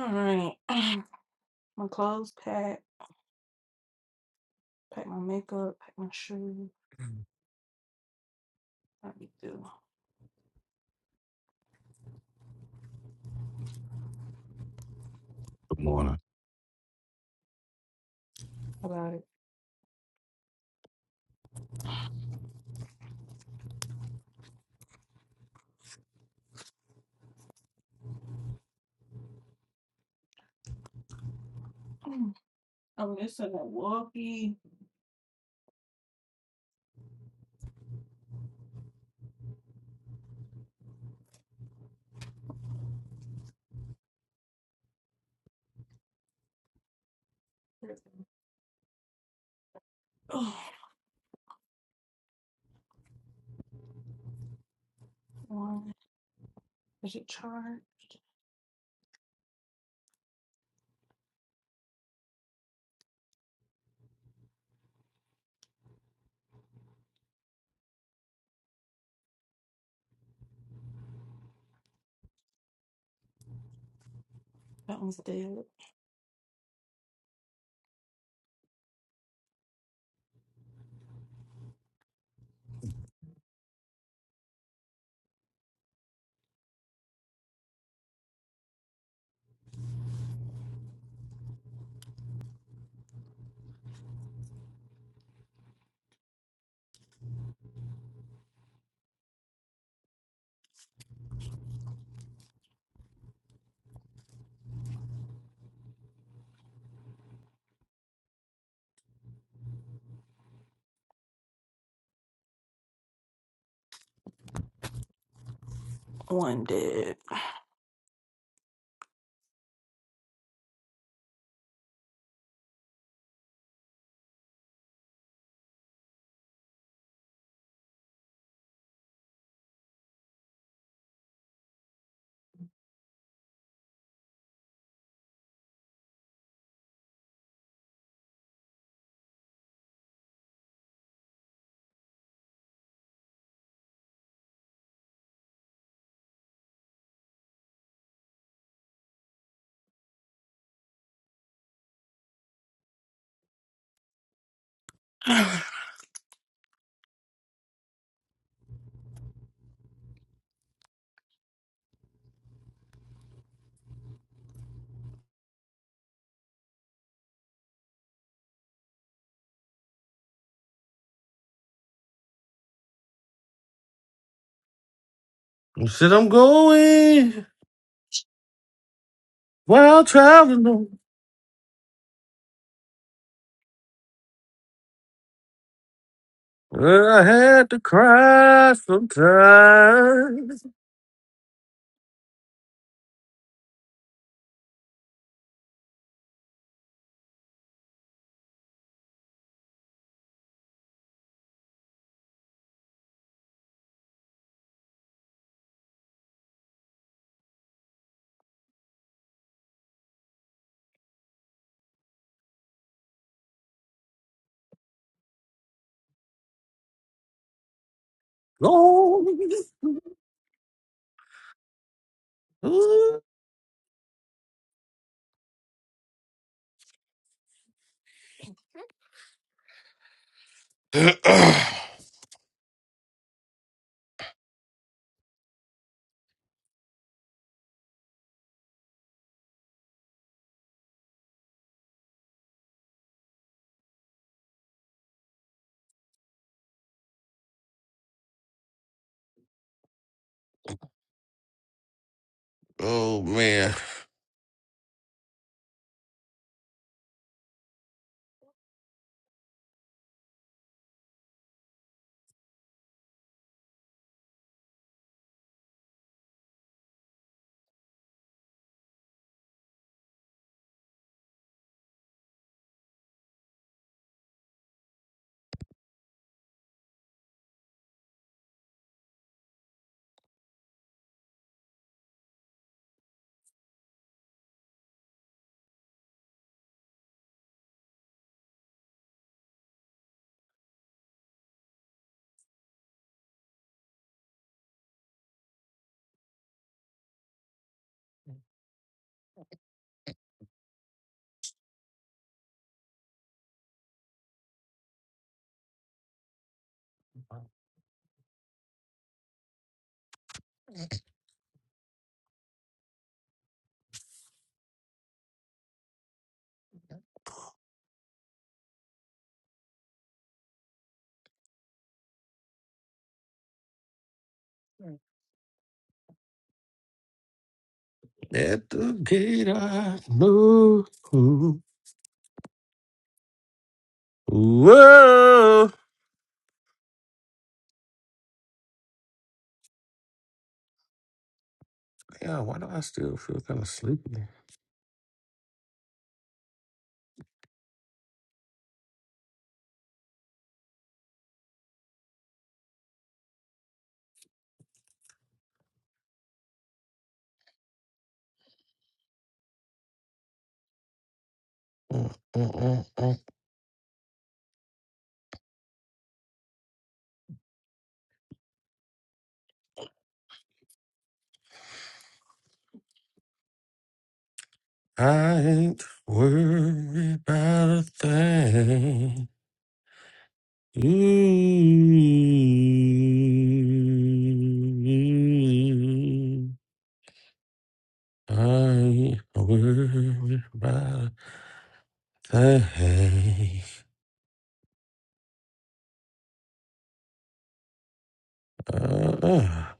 All right. *clears throat* my clothes packed. Pack my makeup. Pack my shoes. How do you do
Good morning.
about it? *clears throat* I'm missing a walkie. There's a- *sighs* One. Is it charged? That one's dead. One dead. All right.
She said I'm going while traveling. I had to cry sometimes. Oh, *clears throat* oh man. At the gate I know. Whoa. Yeah, why do I still feel kind of sleepy? Mm, mm, mm, mm. I ain't worried about a thing. Mm. I will by the hay. Ah,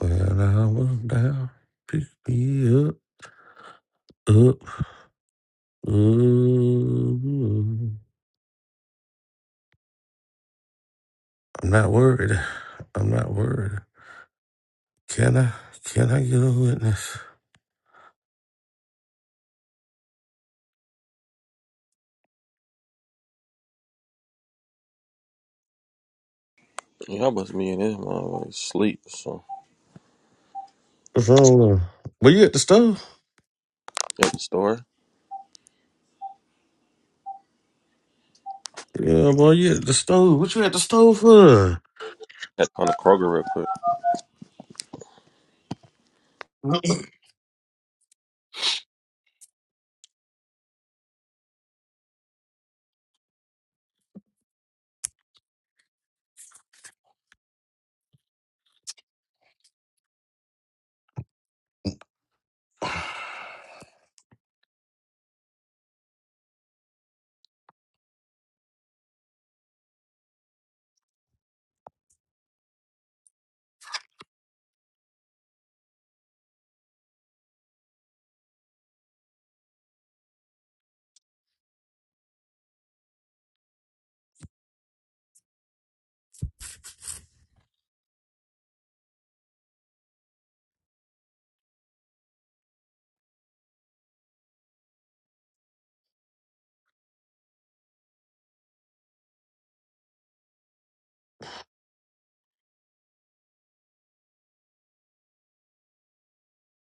when I was down, pick me up, up. Ooh. I'm not worried. I'm not worried. Can I? Can I get a witness?
Yeah, I must be in this motherfucker sleep. So
What's wrong? with her? Were you at the stove?
at the store,
Yeah, boy, you at the stove. What you at the stove for?
at to come Kroger real quick.
*laughs*